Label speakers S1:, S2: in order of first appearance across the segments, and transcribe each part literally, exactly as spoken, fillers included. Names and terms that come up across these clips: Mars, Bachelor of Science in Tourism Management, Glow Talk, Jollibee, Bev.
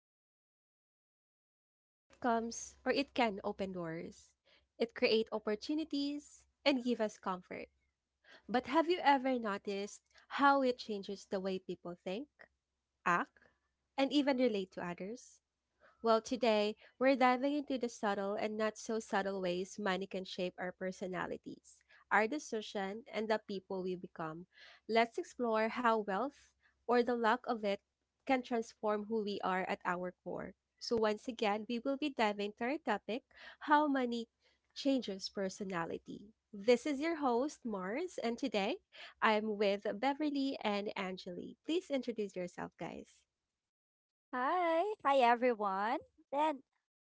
S1: So, today, money, it comes or it can open doors, it create opportunities, and give us comfort. But have you ever noticed how it changes the way people think, act, and even relate to others? Well, today, we're diving into the subtle and not so subtle ways money can shape our personalities, our decision, and the people we become. Let's explore how wealth, or the lack of it, can transform who we are at our core. So, once again, we will be diving into our topic how money changes personality. This is your host, Mars, and today I'm with Beverly and Angeli. Please introduce yourself, guys.
S2: Hi. Hi, everyone. And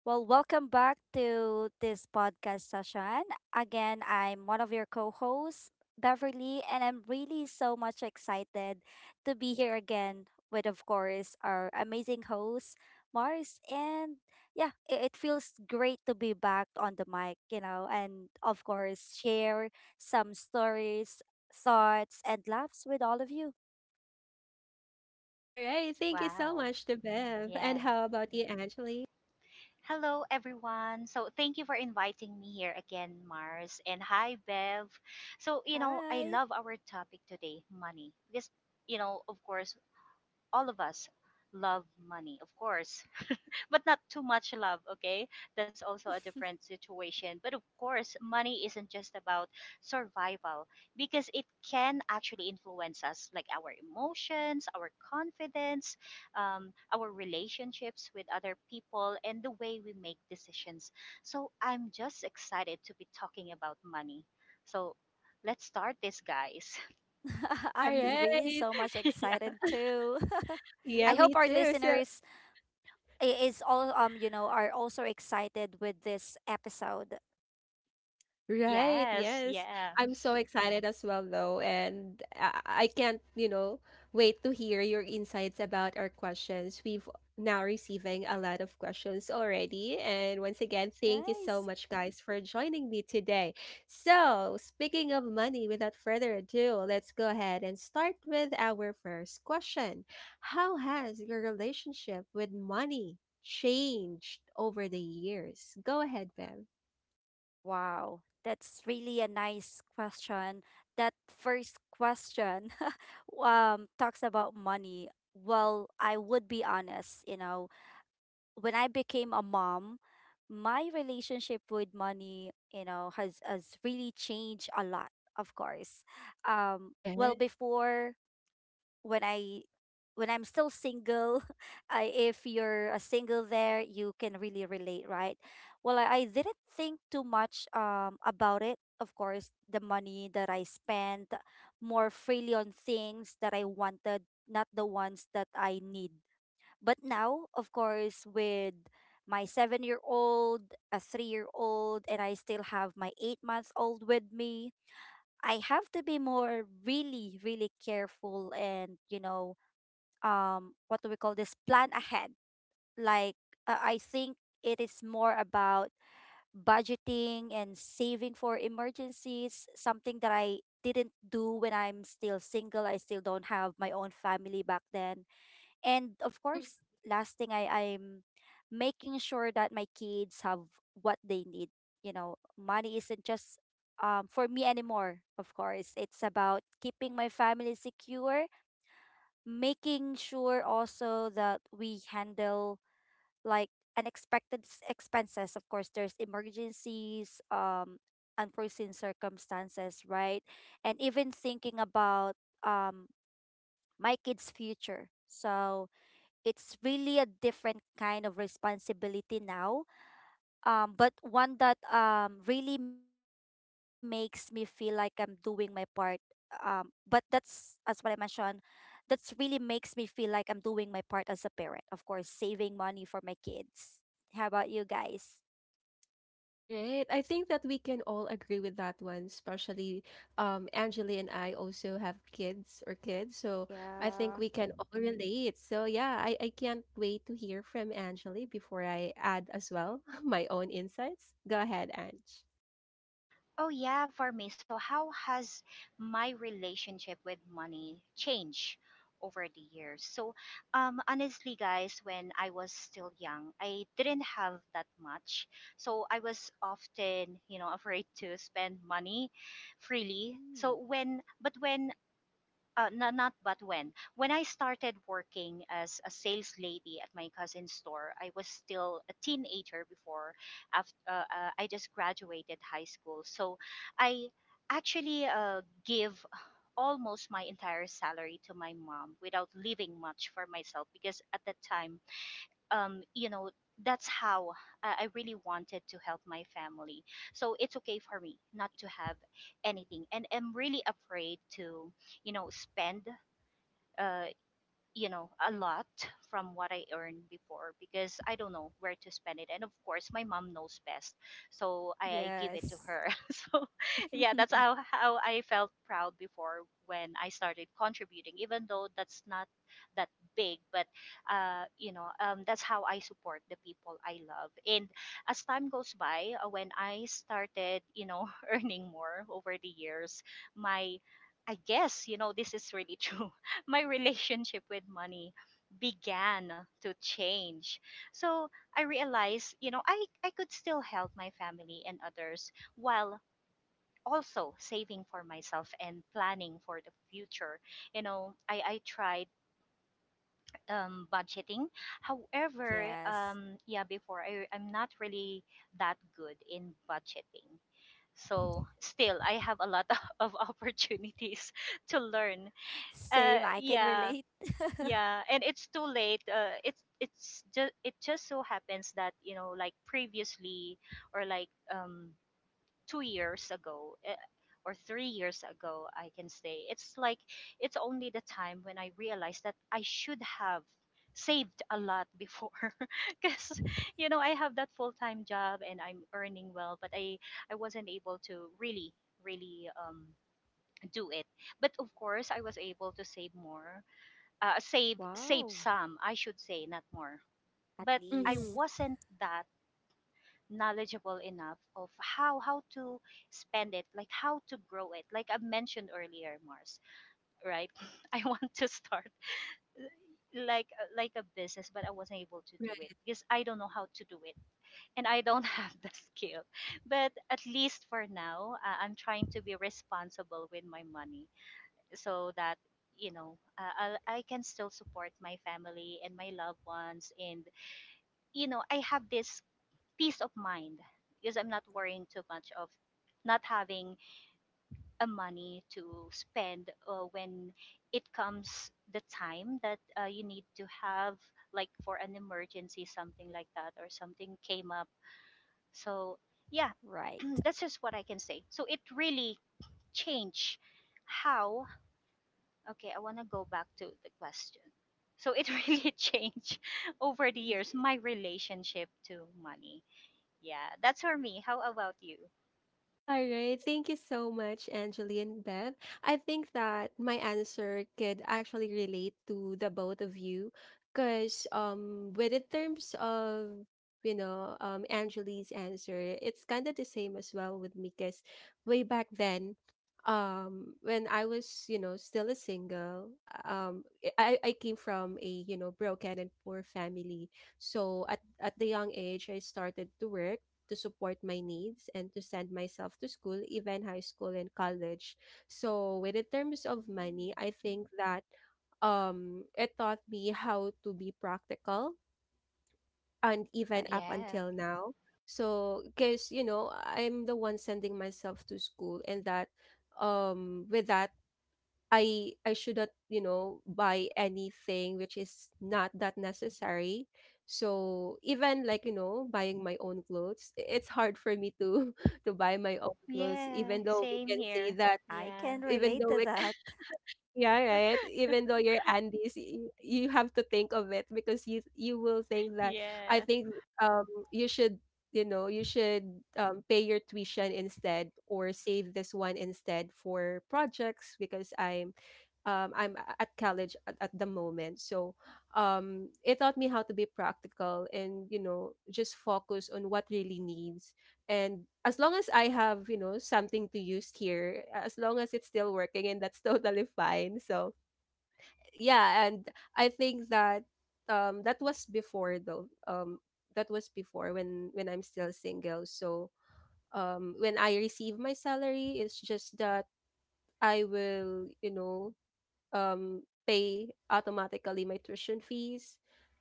S2: well, welcome back to this podcast session. Again, I'm one of your co hosts, Beverly, and I'm really so much excited to be here again with, of course, our amazing host, Mars. And yeah, it, it feels great to be back on the mic, you know, and of course, share some stories, thoughts, and laughs with all of you.
S1: All right. Thank you so
S3: Wow.
S1: much to Bev. And
S3: Yeah.
S1: how about you, Angeli?
S3: Hello, everyone. So, thank you for inviting me here again, Mars. And hi, Bev. So, you know, I
S2: Hi.
S3: love our topic today money. Because, you know, of course, all of us love money, of course. But not too much love, okay? That's also a different situation. But of course, money isn't just about survival because it can actually influence us, like our emotions, our confidence, um, our relationships with other people, and the way we make decisions. So I'm just excited to be talking about money. So let's start this, guys.
S1: All
S2: I'm s- really
S1: right.
S2: so much
S3: Yeah.
S2: excited too.
S1: Yeah,
S2: I
S1: me
S2: hope our
S1: too. So,
S2: listeners i- is all um you know are also excited with this episode.
S1: right,
S3: Yes,
S1: yes.
S3: yeah.
S1: I'm so excited as well though, and I, I can't, you know, wait to hear your insights about our questions. We've now receiving a lot of questions already, and once again, thank you so
S2: Nice.
S1: much guys for joining me today. So, speaking of money, without further ado, let's go ahead and start with our first question. How has your relationship with money changed over the years? Go ahead, Bev.
S2: Wow. That's really a nice question. That first question um talks about money. Well, I would be honest, you know, when I became a mom, my relationship with money, you know, has has really changed a lot, of course. Um, well,
S1: Yeah.
S2: before when I when I'm still single, I, if you're a single there, you can really relate, right? Well, I, I didn't think too much um about it. Of course, the money that I spent more freely on things that I wanted, not the ones that I need, but now, of course, with my seven year old, a three year old, and I still have my eight months old with me, I have to be more really, really careful and, you know, um, what do we call this? Plan ahead. Like, uh, I think it is more about budgeting and saving for emergencies, something that I didn't do when I'm still single. I still don't have my own family back then. And of course, last thing, i i'm making sure that my kids have what they need. You know money isn't just um, for me anymore. Of course, it's about keeping my family secure, making sure also that we handle like unexpected s- expenses. Of course, there's emergencies, um unforeseen circumstances, right? And even thinking about um my kids' future. So it's really a different kind of responsibility now, um but one that um really makes me feel like I'm doing my part. Um but that's, as what I mentioned, that's really makes me feel like I'm doing my part as a parent, of course, saving money for my kids. How about you guys?
S1: Right. I think that we can all agree with that one, especially um Angeli, and I also have kids or kids. So I think
S2: Yeah.
S1: we can all relate. So yeah, I, I can't wait to hear from Angeli before I add as well my own insights. Go ahead, Ange.
S3: Oh yeah, for me. So how has my relationship with money changed over the years? So um honestly guys, when I was still young, I didn't have that much. So I was often, you know, afraid to spend money freely.
S2: Mm.
S3: So when but when uh, not, not but when when I started working as a sales lady at my cousin's store, I was still a teenager. Before after uh, uh, I just graduated high school, so I actually uh, give almost my entire salary to my mom without leaving much for myself, because at that time, um, you know, that's how I I really wanted to help my family. So it's okay for me not to have anything. And I'm really afraid to, you know, spend, uh, you know, a lot from what I earned before, because I don't know where to spend it. And of course, my mom knows best. So I, I give it to
S2: Yes.
S3: her. So, yeah, that's how, how I felt proud before when I started contributing, even though that's not that big. But, uh, you know, um, that's how I support the people I love. And as time goes by, uh, when I started, you know, earning more over the years, my, I guess, you know, this is really true, my relationship with money began to change. So I realized, you know, I, I could still help my family and others while also saving for myself and planning for the future. You know, I, I tried um, budgeting. However,
S2: Yes,
S3: um, yeah, before I, I'm not really that good in budgeting. So still, I have a lot of opportunities to learn. Uh,
S2: same, I can
S3: yeah,
S2: relate.
S3: yeah, and it's too late. Uh, it's it's just it just so happens that, you know, like previously, or like um two years ago, uh, or three years ago, I can say it's like it's only the time when I realized that I should have saved a lot before, because, you know, I have that full time job and I'm earning well, but I I wasn't able to really really um do it. But of course, I was able to save more, uh, save save
S2: Wow.
S3: some, I should say, not more.
S2: At
S3: But I
S1: Mm-hmm.
S2: least.
S3: wasn't that knowledgeable enough of how how to spend it, like how to grow it. Like I mentioned earlier, Mars, right? I want to start like like a business, but I wasn't able to do it because I don't know how to do it, and I don't have the skill. But at least for now, uh, I'm trying to be responsible with my money, so that, you know, uh, I'll, I can still support my family and my loved ones, and, you know, I have this peace of mind because I'm not worrying too much of not having a money to spend, uh, when it comes the time that uh, you need to have, like, for an emergency, something like that, or something came up. So yeah.
S2: Right.
S3: That's just what I can say. So it really changed how. Okay, I want to go back to the question. So it really changed over the years my relationship to money. Yeah, that's for me. How about you?
S1: All right. Thank you so much, Angeli and Bev. I think that my answer could actually relate to the both of you because um with in terms of you know um Angeli's answer, it's kind of the same as well with me because way back then um when I was, you know, still a single, um I I came from a, you know, broken and poor family. So at at the young age I started to work to support my needs and to send myself to school, even high school and college. So, when in terms of money,
S2: Y-
S1: I think that um, it taught me how to be practical, and even
S2: Right.
S1: up
S3: Yeah.
S1: until now. So, because, you know, I'm the one sending myself to school, and that um with that I I shouldn't, you know, buy anything which is not that necessary. So even like, you know, buying my own clothes, i- it's hard for me to to buy my own clothes,
S3: Yeah,
S1: even though we
S3: same
S1: can see
S3: here.
S1: that
S2: I
S3: Yeah.
S2: can
S1: even
S2: relate
S1: though
S2: to
S1: we
S2: that.
S1: yeah, right. Even though you're Andes, you, you have to think of it, because you you will think that I
S3: Yeah.
S1: think um you should, you know you should um, pay your tuition instead, or save this one instead for projects, because I'm um, I'm a- at college at, at, the moment. So um, it taught me how to be practical and, you know, just focus on what really needs. And as long as I have, you know, something to use here, as long as it's still working, and that's totally fine. So yeah, and I think that um, that was before though. Um, that was before when when I'm still single. So um, when I receive my salary, it's just that I will, you know, um pay automatically my tuition fees,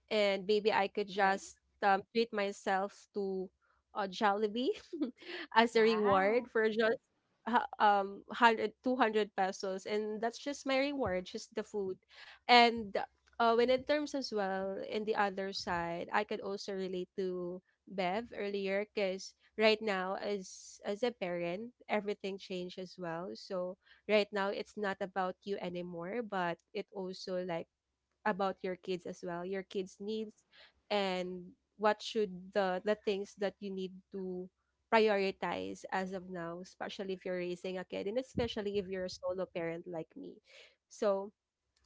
S1: and maybe
S2: Right.
S1: I could just um, treat myself to a Jollibee as a reward
S3: Wow.
S1: for just ha- um one hundred two hundred pesos, and that's just my reward, just the food. And uh, when in terms as well in the other side, I could also relate to Bev earlier, because right now, as as a parent, everything changed as well. So right now it's not about you anymore, but it also like about your kids as well, your kids needs, and what should the the things that you need to prioritize as of now, especially if you're raising a kid, and especially if you're a solo parent like me. So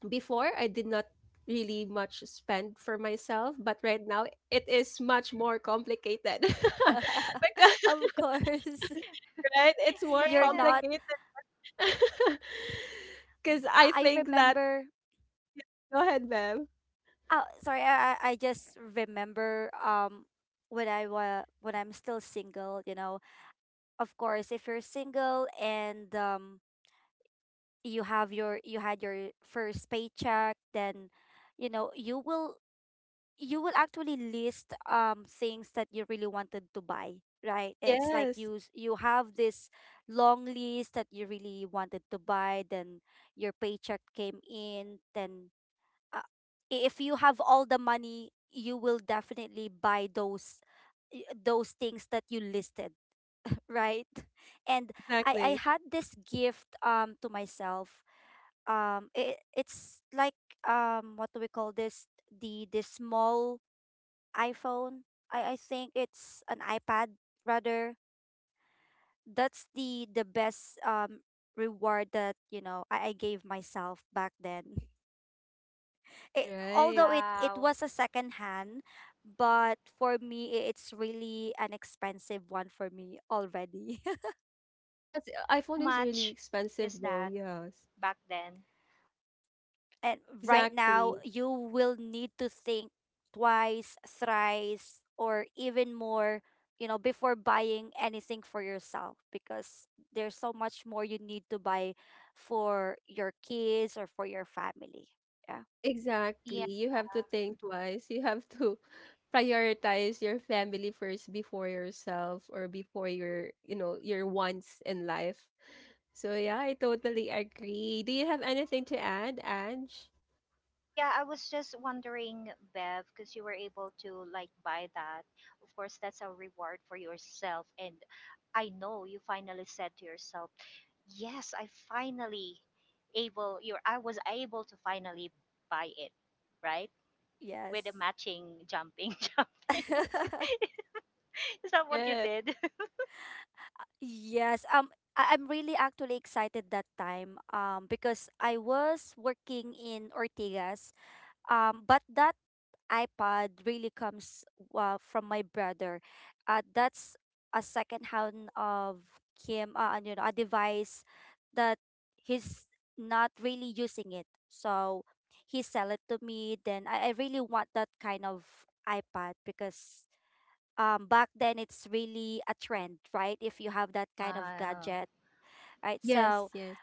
S1: before I did not really much spend for myself, but right now it is much more complicated. Because
S2: Of course.
S1: right, it's more
S2: You're
S3: Yeah.
S2: not.
S1: complicated. Because I
S2: I I
S1: think that
S2: remember.
S1: go ahead, ma'am.
S2: Oh, sorry, I I I just remember, um when I wa when I'm still single, you know. Of course, if you're single and um you have your you had your first paycheck, then you know, you will you will actually list um things that you really wanted to buy, right? It's like
S1: Yes,
S2: you s- you have this long list that you really wanted to buy, then your paycheck came in then uh, i- if you have all the money, you will definitely buy those y- those things that you listed, right? And i i
S1: exactly.
S2: had this gift um to myself. Um it, it's like, um what do we call this, the the small iPhone. I I think it's an iPad rather. That's the the best um reward that you know I, I gave myself back then. It,
S1: Right.
S2: although it it
S3: Wow.
S2: was a second hand, but for me, i- it's really an expensive one for me already.
S1: Yes,
S3: How
S1: iPhone is really
S3: much is
S1: expensive
S3: that
S1: though. Yes,
S3: back then?
S2: And right now
S1: exactly.
S2: you will need to think twice, thrice, or even more you know before buying anything for yourself, because there's so much more you need to buy for your kids or for your family. Yeah.
S1: Exactly.
S3: Yeah.
S1: You have to think twice. You have to prioritize your family first before yourself, or before your, you know, your wants in life. So yeah, I totally agree. Do you have anything to add, Ange?
S3: Yeah, I was just wondering, Bev, because you were able to like buy that. Of course, that's a reward for yourself and I know you finally said to yourself, yes, I finally able, you're, I was able to finally buy it, right?
S2: Yes.
S3: With a matching jumping, jumping. Is that what you
S1: Yeah.
S3: did?
S2: Yes, um, I- I'm really actually excited that time, um, because I was working in Ortigas, um, but that iPad really comes uh, from my brother. Uh, that's a second hand of him, uh, and, you know, a device that he's not really using it. So he sell it to me. Then I, I really want that kind of iPad, because um, back then it's really a trend, right? If you have that kind of
S3: Oh,
S2: gadget, right?
S1: Yes,
S2: So
S1: yes.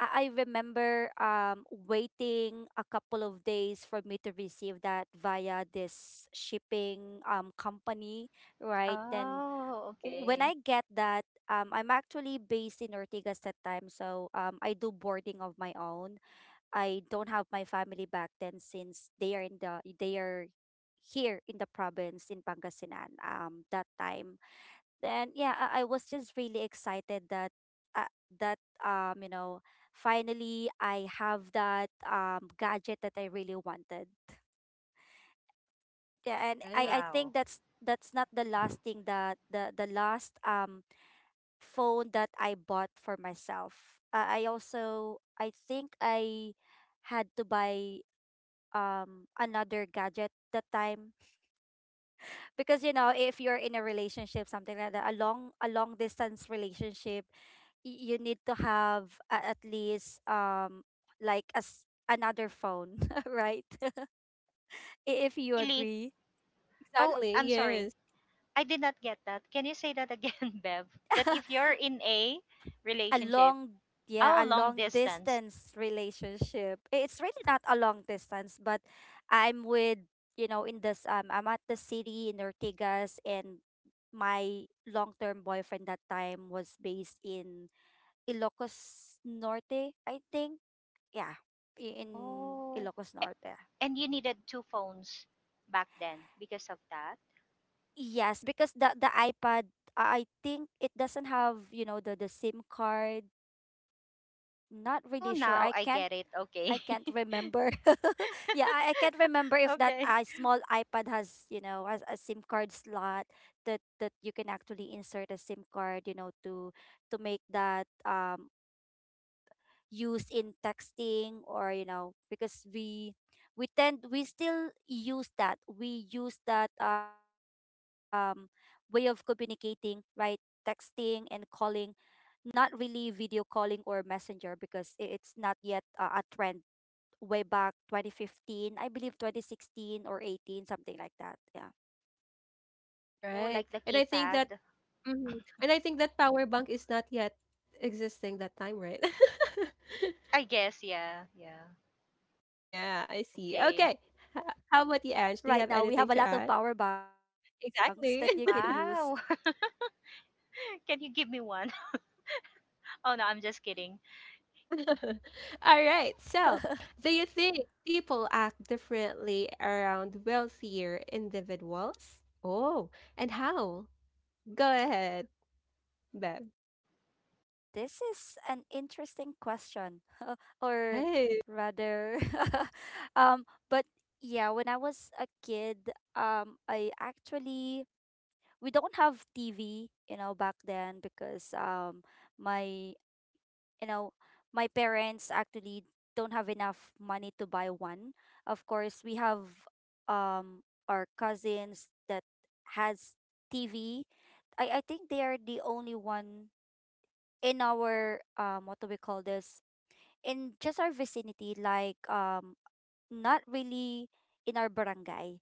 S2: I I remember um waiting a couple of days for me to receive that via this shipping um company, right? And
S3: oh,
S2: w- when I
S3: okay.
S2: get that, um I'm actually based in Ortigas that time, so um I do boarding of my own. I don't have my family back then, since they are in the, they are here in the province in Pangasinan um that time. Then yeah, I, I was just really excited that uh, that um you know finally I have that um gadget that I really wanted. Yeah. And
S1: Right.
S2: i i think
S3: Wow.
S2: that's that's not the last thing, that the the last um phone that I bought for myself. Uh, i also i think I had to buy um another gadget that time, because you know if you're in a relationship, something like that, a long a long distance relationship, y- you need to have a- at least, um like as another phone. Right? If you
S3: Really?
S2: agree.
S3: Oh,
S1: Exactly.
S3: I'm sorry.
S1: Yes.
S3: I did not get that. Can you say that again, Bev? That if you're in a
S2: a
S3: relationship,
S2: long yeah
S3: oh,
S2: a
S3: long
S2: long
S3: distance.
S2: distance relationship. I- it's really not a long distance, but I'm with, you know in this, um I'm at the city in Ortigas, and my long-term boyfriend that time was based in Ilocos Norte, I think. Yeah, i- in
S3: Oh,
S2: Ilocos Norte.
S3: and you needed two phones back then because of that?
S2: Yes, because the the iPad, I I think it doesn't have, you know, the the SIM card. Not
S3: Oh,
S2: really sure.
S3: now
S2: I
S3: I
S2: can't
S3: get it. Okay.
S2: I can't remember. Yeah, I, I can't remember if that
S3: Okay.
S2: uh, small iPad has, you know, has a SIM card slot that that you can actually insert a SIM card, you know, to to make that um use in texting, or you know because we we tend we still use that we use that um way of communicating, right? Texting and calling, not really video calling or messenger, because i- it's not yet uh, a trend. Way back twenty fifteen, I believe, twenty sixteen, or eighteen, something like that. Yeah.
S3: Oh,
S1: Right.
S3: like the
S1: And I think that,
S3: keypad.
S1: mhm, and I think that power bank is not yet existing that time, right?
S3: I guess, yeah.
S2: I
S3: Yeah.
S2: Yeah, yeah, i, I think
S1: Yeah, I
S2: so.
S1: see.
S3: Okay.
S1: Okay. H- How about you,
S2: Right
S1: Ange? Do
S2: now
S1: you
S2: we
S1: have
S2: have a lot
S1: anything to
S2: of
S1: add?
S2: power banks that you can use.
S1: Exactly.
S3: Wow. Can you give me one? Oh, no, I'm just kidding.
S1: All right. So, do you think people act differently around wealthier individuals? Oh, and how? Go ahead, Beth.
S2: This is an interesting question. Or
S1: Right.
S2: rather, um but yeah, when I was a kid, um I actually we don't have TV, you know back then, because um my you know my parents actually don't have enough money to buy one. Of course, we have um our cousins that has TV. I i think they are the only one in our, um what do we call this, in just our vicinity, like, um not really in our barangay.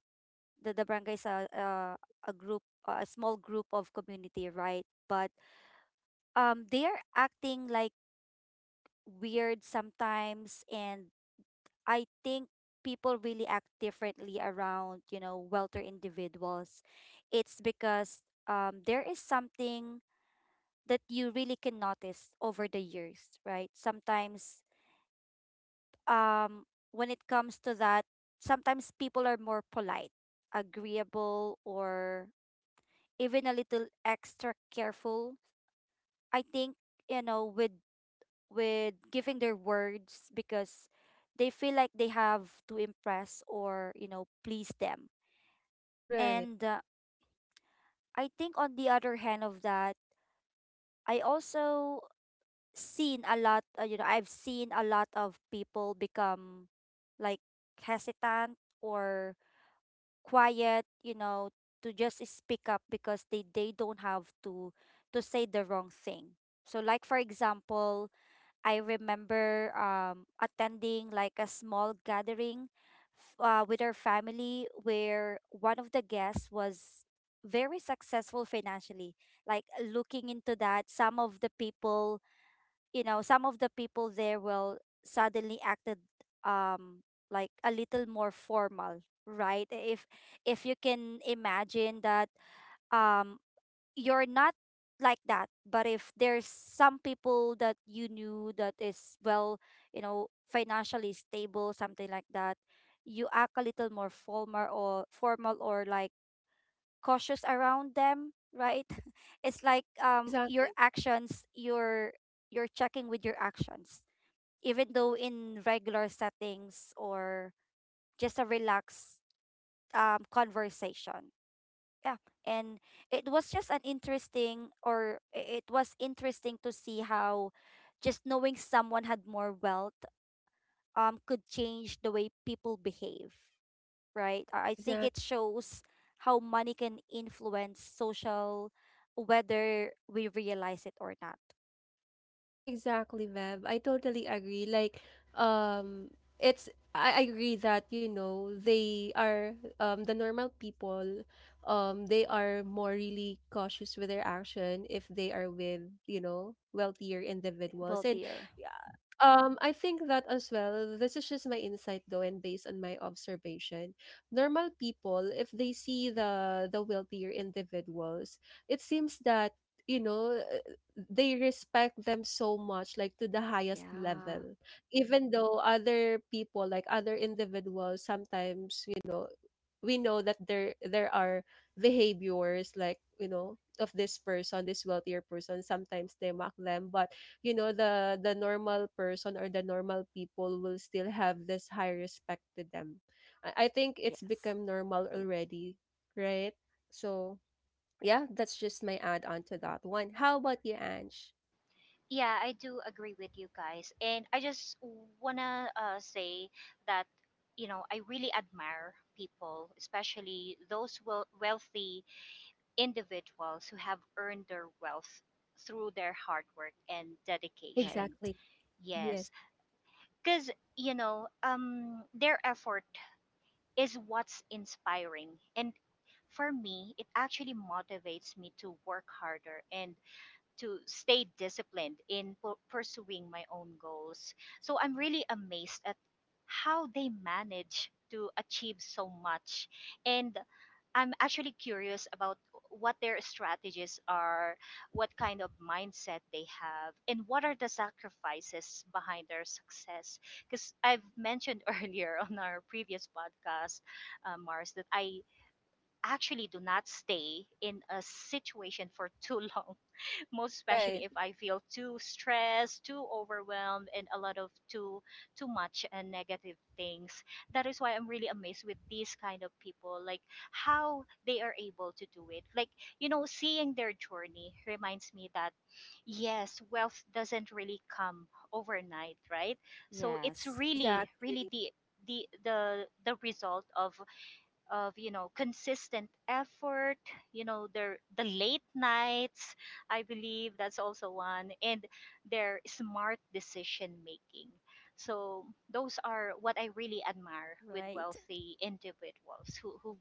S2: The, the barangay is a, a, a group, a small group of community, right? But um, they are acting like weird sometimes. And I think people really act differently around, you know, welter individuals. It's because um, there is something that you really can notice over the years, right? Sometimes um when it comes to that, sometimes people are more polite, agreeable, or even a little extra careful. I think, you know, with with giving their words, because they feel like they have to impress, or, you know, please them.
S1: Right.
S2: And uh, I think on the other hand of that, I also seen a lot, uh, you know, I've seen a lot of people become like hesitant or quiet, you know, to just speak up, because they they don't have to to say the wrong thing. So, like, for example, I remember um attending like a small gathering f- uh, with our family, where one of the guests was very successful financially. Like, looking into that, some of the people you know some of the people there will suddenly acted um like a little more formal, right? If if you can imagine that, um you're not like that, but if there's some people that you knew that is well, you know financially stable, something like that, you act a little more formal or formal or like cautious around them, right? It's like, um your
S1: Exactly.
S2: actions your you're checking with your actions, even though in regular settings or just a relaxed um, conversation. Yeah. And it was just an interesting, or i- it was interesting to see how just knowing someone had more wealth um, could change the way people behave, right? I I think it
S1: Exactly.
S2: shows how money can influence social, whether we realize it or not.
S1: Exactly, Bev. I totally agree. Like, um, it's I I agree that, you know, they are, um the normal people, um, they are more really cautious with their action if they are with, you know, wealthier individuals. And
S2: Wealthier.
S1: um, I think that as well, this is just my insight though, and based on my observation. Normal people, if they see the the wealthier individuals, it seems that, you know, uh, they respect them so much, like to the highest
S2: Yeah.
S1: level. Even though other people, like other individuals, sometimes, you know, we know that there there are behaviors like, you know, of this person, this wealthier person, sometimes they mock them, but you know the the normal person or the normal people will still have this high respect to them. I, I think it's
S2: Yes.
S1: become normal already, right? So yeah, that's just my add on to that one. How about you, Ange?
S3: Yeah, I do agree with you guys. And I just wanna uh, say that, you know, I really admire people, especially those wel- wealthy individuals who have earned their wealth through their hard work and
S2: Right.
S3: dedication.
S1: Exactly. Yes.
S3: Yes. Because, you know, um their effort is what's inspiring, and for me it actually motivates me to work harder and to stay disciplined in pu- pursuing my own goals. So I'm really amazed at how they manage to achieve so much. And I'm actually curious about what their strategies are, what kind of mindset they have, and what are the sacrifices behind their success. Because I've mentioned earlier on our previous podcast, uh, Mars, that I actually do not stay in a situation for too long, most especially
S1: Right,
S3: if I feel too stressed, too overwhelmed, and a lot of too too much and negative things. That is why I'm really amazed with these kind of people, like how they are able to do it. Like, you know, seeing their journey reminds me that yes, wealth doesn't really come overnight, right? So it's
S2: Yes.
S3: really,
S1: exactly,
S3: really the the the the result of of you know, consistent effort, you know, their, the late nights, I believe that's also one, and their smart decision making. So those are what I
S2: Right.
S3: really admire with wealthy individuals who who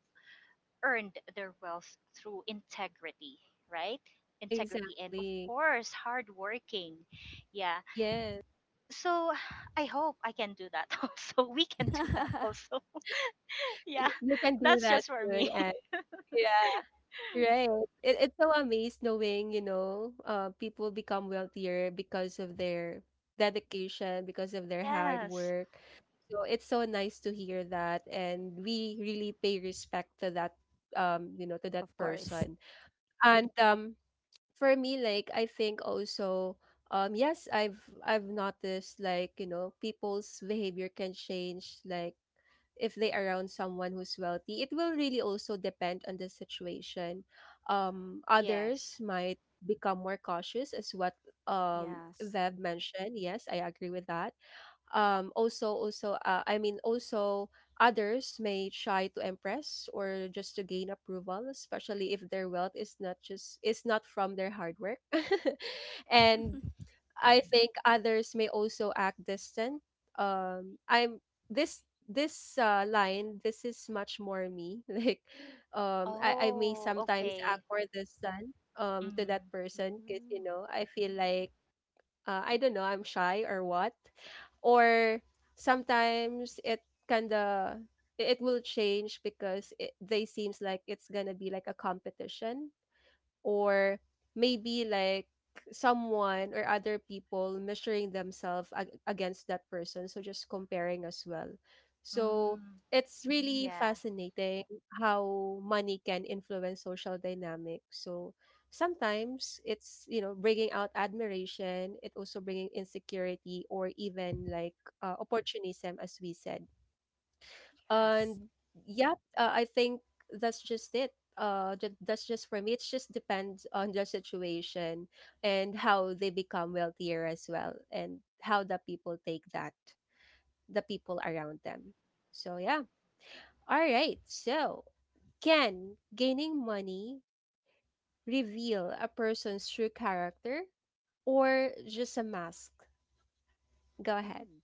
S3: earned their wealth through integrity, right? Integrity and of
S1: exactly,
S3: course hard working. Yeah.
S1: yes.
S3: So I hope I can do that also, we can do that also. Yeah,
S1: Y- you can do
S3: that's
S1: that
S3: just for
S1: soon,
S3: me.
S1: Ange. Yeah. Right. It, it's so amazed knowing, you know, uh, people become wealthier because of their dedication, because of their hard
S3: Yes.
S1: work. So it's so nice to hear that. And we really pay respect to that, um, you know, to that
S2: Of course.
S1: person. And um, for me, like, I think also, um, yes, I've I've noticed, like, you know, people's behavior can change, like if they around someone who's wealthy, it will really also depend on the situation. Um
S3: Yes.
S1: others might become more cautious as what um
S2: Yes.
S1: Vev mentioned. Yes, I agree with that. um also also uh, I mean also, others may try to impress, or just to gain approval, especially if their wealth is not just is not from their hard work. And I think others may also act distant. Um, I'm this this uh, line. This is much more me. Like, um, I I may
S3: Oh,
S1: sometimes act
S3: okay.
S1: more distant um to that
S3: Mm.
S1: person, because you
S2: Mm,
S1: know I feel like, uh, I don't know, I'm shy or what, or sometimes it kinda it it will change, because it, they seems like it's gonna be like a competition, or maybe like someone or other people measuring themselves ag- against that person, so just comparing as well. So
S3: Mm.
S1: it's really
S3: Yeah.
S1: fascinating how money can influence social dynamics. So sometimes it's you know bringing out admiration, it also bringing insecurity, or even like uh, opportunism, as we said. And
S2: yes.
S1: yeah, uh, I think that's just it, uh ju- that's just for me, it just depends on the situation, and how they become wealthier as well, and how the people take that, the people around them. So yeah. All right. So, can gaining money reveal a person's true character, or just a mask? Go ahead.
S2: Mm.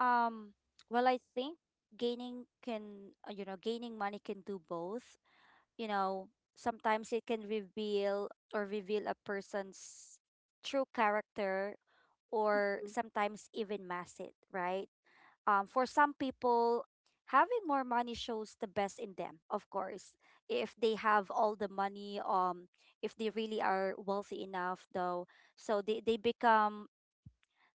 S2: Um, well, I think gaining can, uh, you know, gaining money can do both. You know, sometimes it can reveal or reveal a person's true character, or
S1: Mhm.
S2: sometimes even mask it, right? Um, for some people, having more money shows the best in them, of course. If they have all the money, um, if they really are wealthy enough, though, so they, they become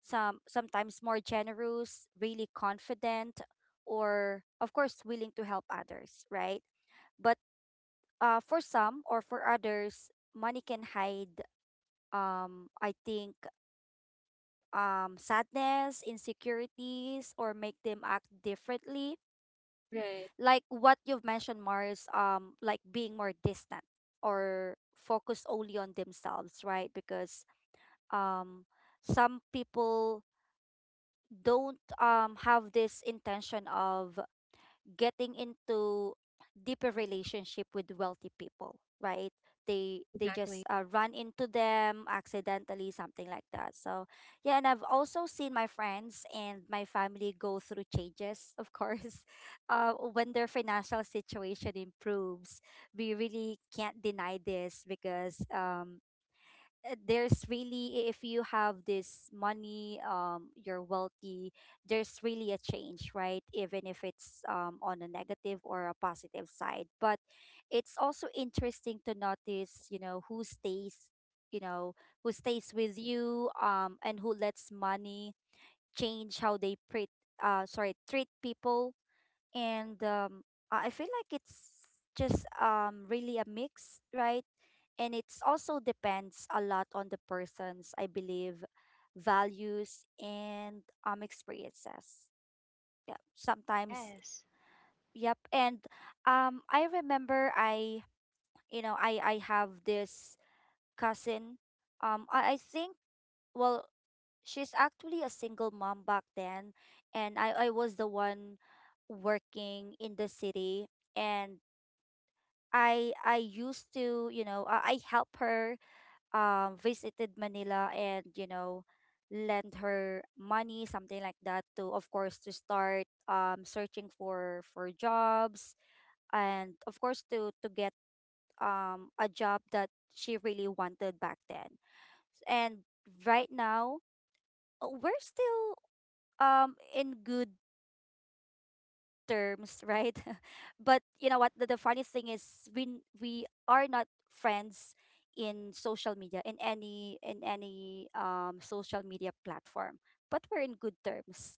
S2: some sometimes more generous, really confident, or of course willing to help others, right? But uh, for some or for others, money can hide. Um, I think um, sadness, insecurities, or make them act differently
S1: Right,
S2: like what you've mentioned, Mars, um like being more distant or focus only on themselves, right? Because um some people don't um have this intention of getting into deeper relationship with wealthy people, right? They they just
S1: exactly,
S2: uh, run into them accidentally, something like that, so yeah, and I've also seen my friends and my family go through changes, of course. Uh, when their financial situation improves, we really can't deny this because, um, uh, there's really, if you have this money, um you're wealthy, there's really a change, right? Even if it's um on a negative or a positive side. But it's also interesting to notice, you know who stays, you know who stays with you, um and who lets money change how they treat, uh, sorry, treat people. And um i I feel like it's just um really a mix, right? And it's also depends a lot on the person's, I believe, values and um experiences. Yeah, sometimes.
S3: Yes.
S2: Yep. And um I remember, i you know i i have this cousin. um i, I think, well, she's actually a single mom back then. And I, I was the one working in the city. And I I used to, you know I, I help her, um, visited Manila, and you know lend her money, something like that, to, of course, to start um, searching for for jobs. And of course, to to get um, a job that she really wanted back then. And right now, uh, we're still um in good terms, right? But you know what? The, the funniest thing is, we n- we are not friends in social media, in any, in any um social media platform. But we're in good terms.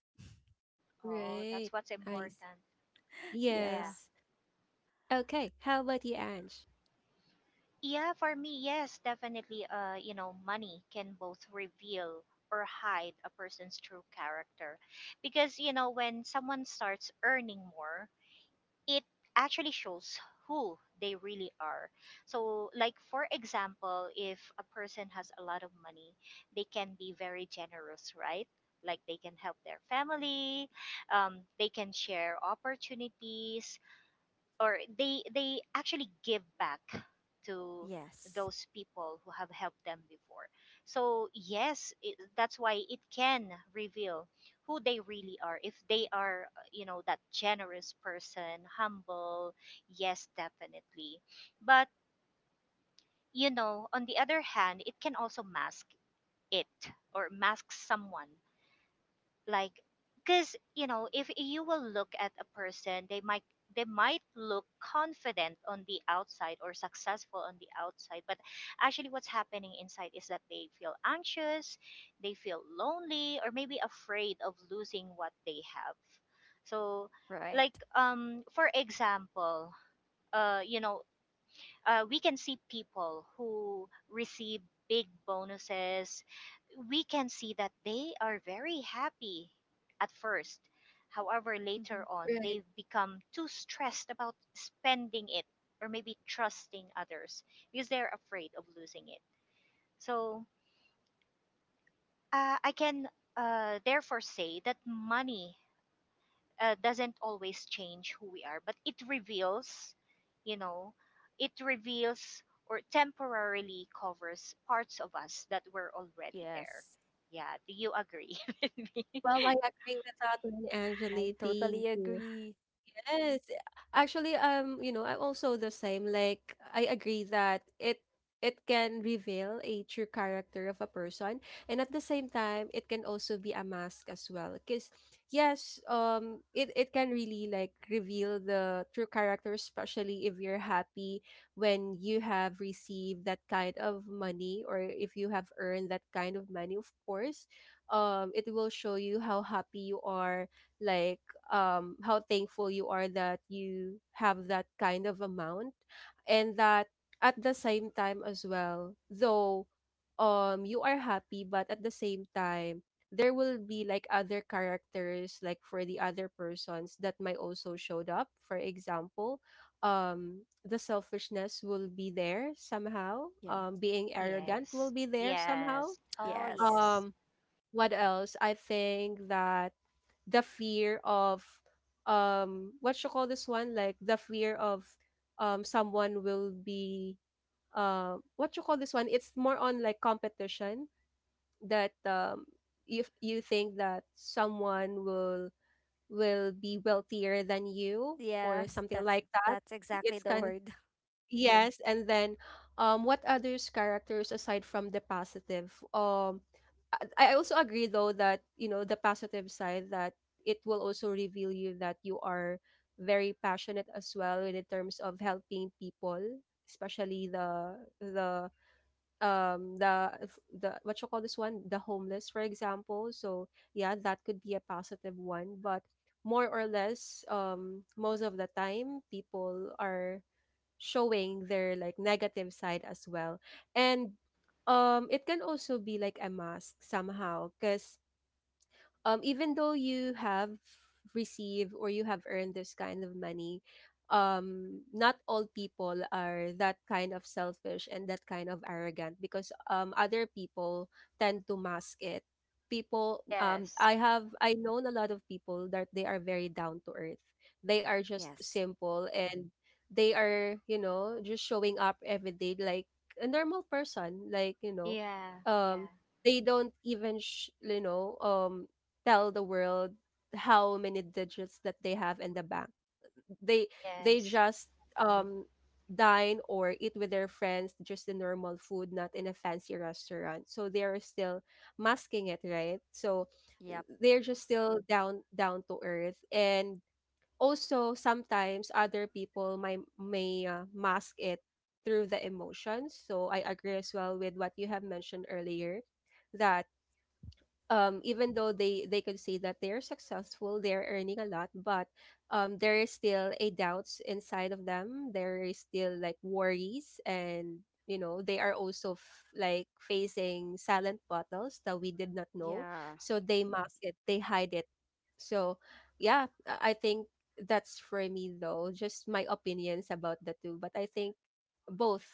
S3: Oh, that's
S1: right.
S3: what's
S1: I
S3: important. Yeah.
S2: Yeah.
S1: Yes. Okay. How about you, Ange?
S3: Yeah, for me, yes, definitely, uh, you know, money can both reveal or hide a person's true character. Because, you know, when someone starts earning more, it actually shows who they really are. So, like for example, if a person has a lot of money, they can be very generous, right? Like they can help their family, um, they can share opportunities, or they they actually give back to
S2: Yes.
S3: those people who have helped them before. So yes, it, that's why it can reveal who they really are if they are, uh, you know, that generous person, humble. Yes, definitely. But, you know, on the other hand, it can also mask it, or mask someone, like, because, you know, if you will look at a person, they might they might look confident on the outside or successful on the outside, but actually what's happening inside is that they feel anxious, they feel lonely, or maybe afraid of losing what they have. So,
S2: Right.
S3: like, um for example, uh you know uh, we can see people who receive big bonuses. We can see that they are very happy at first. However, later
S2: Mm-hmm.
S3: on,
S1: Right.
S3: they become too stressed about spending it, or maybe trusting others, because they're afraid of losing it. So uh, I can, uh, therefore say that money uh, doesn't always change who we are, but it reveals, you know, it reveals or temporarily covers parts of us that were already there.
S2: Yes,
S3: Yeah, do you agree?
S1: Well, I agree with that one,
S2: I
S1: Angeli. Thank
S2: totally
S1: you.
S2: agree.
S1: Yes, actually, um, you know, I'm also the same. Like, I agree that it it can reveal a true character of a person, and at the same time, it can also be a mask as well. Because yes, um, it it can really like reveal the true character, especially if you're happy when you have received that kind of money, or if you have earned that kind of money. Of course, um, it will show you how happy you are like um, how thankful you are that you have that kind of amount. And that at the same time as well though, um you are happy, but at the same time there will be like other characters, like for the other persons that might also showed up. For example, um the selfishness will be there somehow,
S2: Yeah.
S1: um being arrogant will
S3: Yes.
S1: be there somehow.
S3: Yes. Oh,
S2: Yes.
S3: yes.
S1: Um what else, I think that the fear of, um what you call this one, like the fear of, um someone will be, uh what you call this one, it's more on like competition. That um if you think that someone will, will be wealthier than you or
S2: Yes,
S1: something
S2: that's
S1: like that,
S2: that's exactly
S1: it's
S2: the
S1: kind of—
S2: word.
S1: Yes, and then, um what others characters aside from the positive? Um I I also agree though that, you know, the positive side, that it will also reveal you that you are very passionate as well in terms of helping people, especially the the um the f- the what you call this one, the homeless, for example. So yeah, that could be a positive one, but more or less, um most of the time people are showing their like negative side as well. And um it can also be like a mask somehow, because um, even though you have received or you have earned this kind of money, um, not all people are that kind of selfish and that kind of arrogant, because um, other people tend to mask it. People, um,
S3: Yes.
S1: I have, I known a lot of people that they are very down to earth. They are just
S2: Yes.
S1: simple, and they are, you know, just showing up every day like a normal person. Like, you know,
S3: Yeah. Yeah.
S1: um, they don't even sh- you know um tell the world how many digits that they have in the bank. They they
S3: Yes.
S1: just um dine or eat with their friends just the normal food, not in a fancy restaurant. So they are still masking it, right? So
S2: Yep.
S1: they're just still down down to earth. And also sometimes other people may may uh, mask it through the emotions. So I agree as well with what you have mentioned earlier, that um, even though they they could see that they're successful, they're earning a lot, but um, there is still a doubts inside of them. There is still like worries, and you know they are also f- like facing silent battles that we did not know.
S2: Yeah.
S1: So they mask it, they hide it. So yeah, I I think that's for me though. Just my opinions about the two, but I think both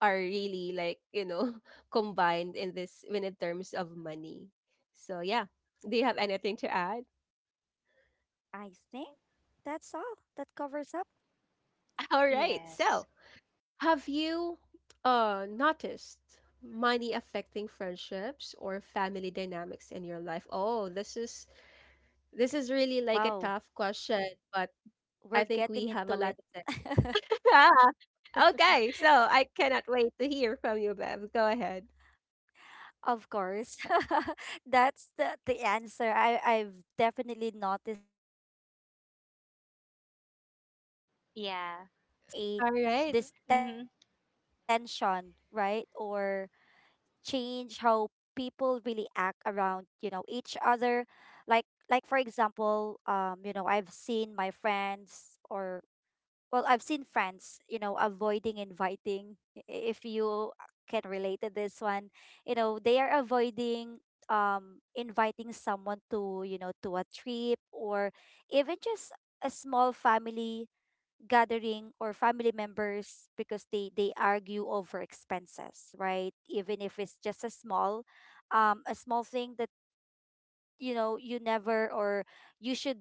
S1: are really like, you know, combined in this when in terms of money. So yeah, do you have anything to add?
S2: I think that's all. That covers up.
S1: All right. So,
S3: Yes.
S1: have you uh noticed money affecting friendships or family dynamics in your life? Oh, this is, this is really like a
S2: Wow,
S1: tough question, but I
S2: we're
S1: think we
S2: getting
S1: have a
S2: into
S1: lot
S2: it.
S1: to say. Yeah. Okay, so I cannot wait to hear from you, Bev. Go ahead.
S2: Of course. That's the, the answer. I, I've definitely noticed it, um, because money can
S3: Yeah.
S2: sometimes, you know,
S1: All right,
S2: create
S3: Mm-hmm.
S2: this tension, right? Or change how people really act around, you know, each other. Like, like for example, um, you know, I've seen my friends, or well, I've seen friends, you know, avoiding inviting. i- If you can relate to this one, you know, they are avoiding um inviting someone to, you know, to a trip, or even just a small family gathering or family members, because they they argue over expenses, right? Even if it's just a small, um a small thing that, you know, you never, or you should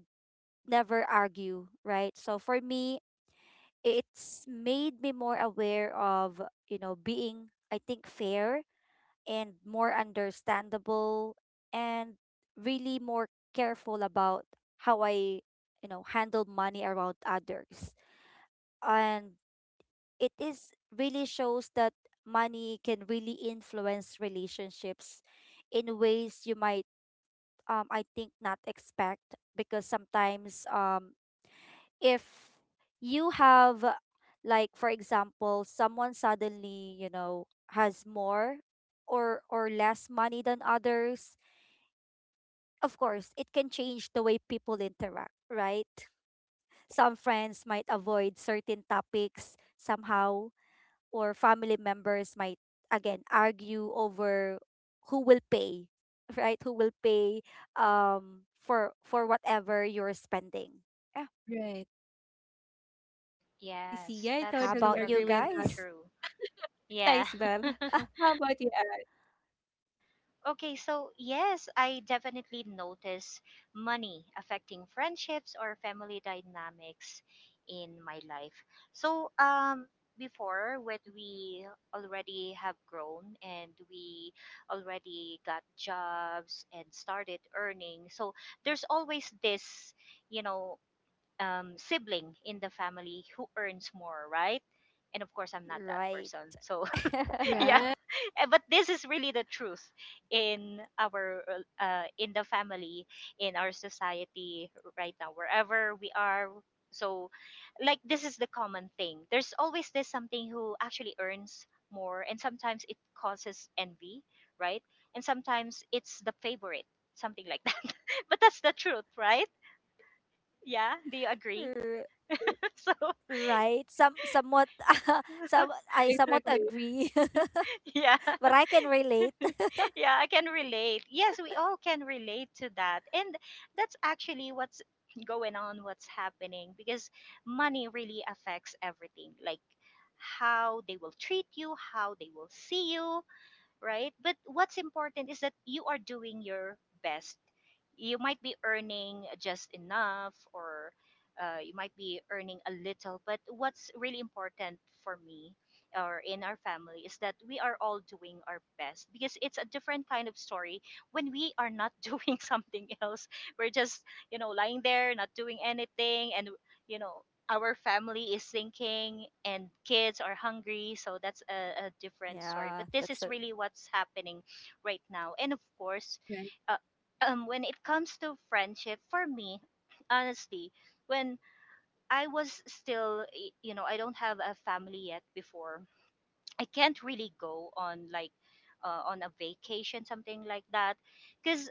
S2: never argue, right? So for me, it's made me more aware of, you know, being, I think, fair and more understandable, and really more careful about how I, you know, handle money around others. And it is really shows that money can really influence relationships in ways you might, um I think, not expect. Because sometimes, um if you have, uh, like for example, someone suddenly, you know, has more, or or less money than others, of course it can change the way people interact, right? Some friends might avoid certain topics somehow, or family members might, again, argue over who will pay, right? Who will pay um for for whatever you're spending. Yeah.
S1: right. I see.
S3: Yes.
S1: Yeah, I
S3: That's
S2: How
S1: totally
S2: about you
S1: agree
S3: totally
S1: with that.
S2: guys?
S3: true. Yeah.
S1: Thanks, Bev. How about you, Ed?
S3: Okay, so yes, I definitely notice money affecting friendships or family dynamics in my life. So, um, before, when we already have grown and we already got jobs and started earning, so there's always this, you know, um, sibling in the family who earns more, right? And of course, I'm not that
S2: Right.
S3: person. So, yeah.
S1: Right.
S3: Eh, but this is really the truth in our uh, uh, in the family, in our society, right now, wherever we are. So like this is the common thing, there's always this something who actually earns more, and sometimes it causes envy, right? And sometimes it's the favorite, something like that. But that's the truth, right? Yeah, do you agree?
S2: R-
S3: So
S2: right. Some somewhat, some I somewhat
S1: Exactly.
S2: agree,
S3: yeah.
S2: but I can relate.
S3: Yeah, I can relate. Yes, we all can relate to that. And that's actually what's going on, what's happening, because money really affects everything. Like how they will treat you, how they will see you, right? But what's important is that you are doing your best. You might be earning just enough, or uh, you might be earning a little. But what's really important for me or in our family is that we are all doing our best, because it's a different kind of story when we are not doing something else. We're just, you know, lying there, not doing anything, and you know our family is sinking, and kids are hungry, so that's a, a different story,
S2: Yeah,
S3: but this
S2: that's
S3: is
S2: a...
S3: really what's happening right now. And of course,
S1: Right.
S3: uh, um, when it comes to friendship, for me, honestly, when I was still y- you know I don't have a family yet before, I can't really go on, like, uh, on a vacation, something like that, because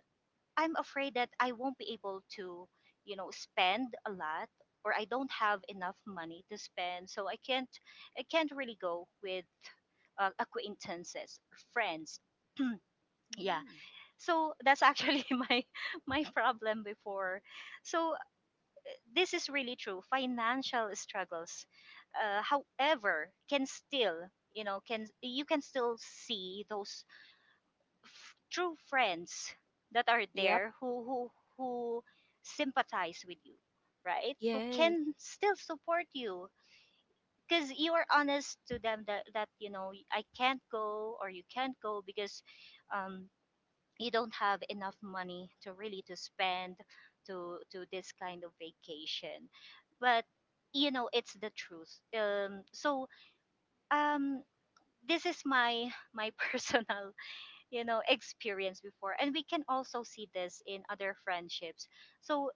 S3: I'm afraid that I won't be able to, you know, spend a lot, or I don't have enough money to spend, so I can't I can't really go with uh, acquaintances or friends. Yeah.
S2: Mm.
S3: So that's actually my my problem before. So this is really true. Financial struggles, uh, however, can still you know can you can still see those true friends that are
S2: Yep.
S3: there, who who who sympathize with you, right, who
S1: Yes.
S3: can still support you, because you are honest to them that, that you know I can't go or you can't go because, um, you don't have enough money to really to spend, to to this kind of vacation. But you know it's the truth. Um, so um, this is my my personal, you know experience before, and we can also see this in other friendships. So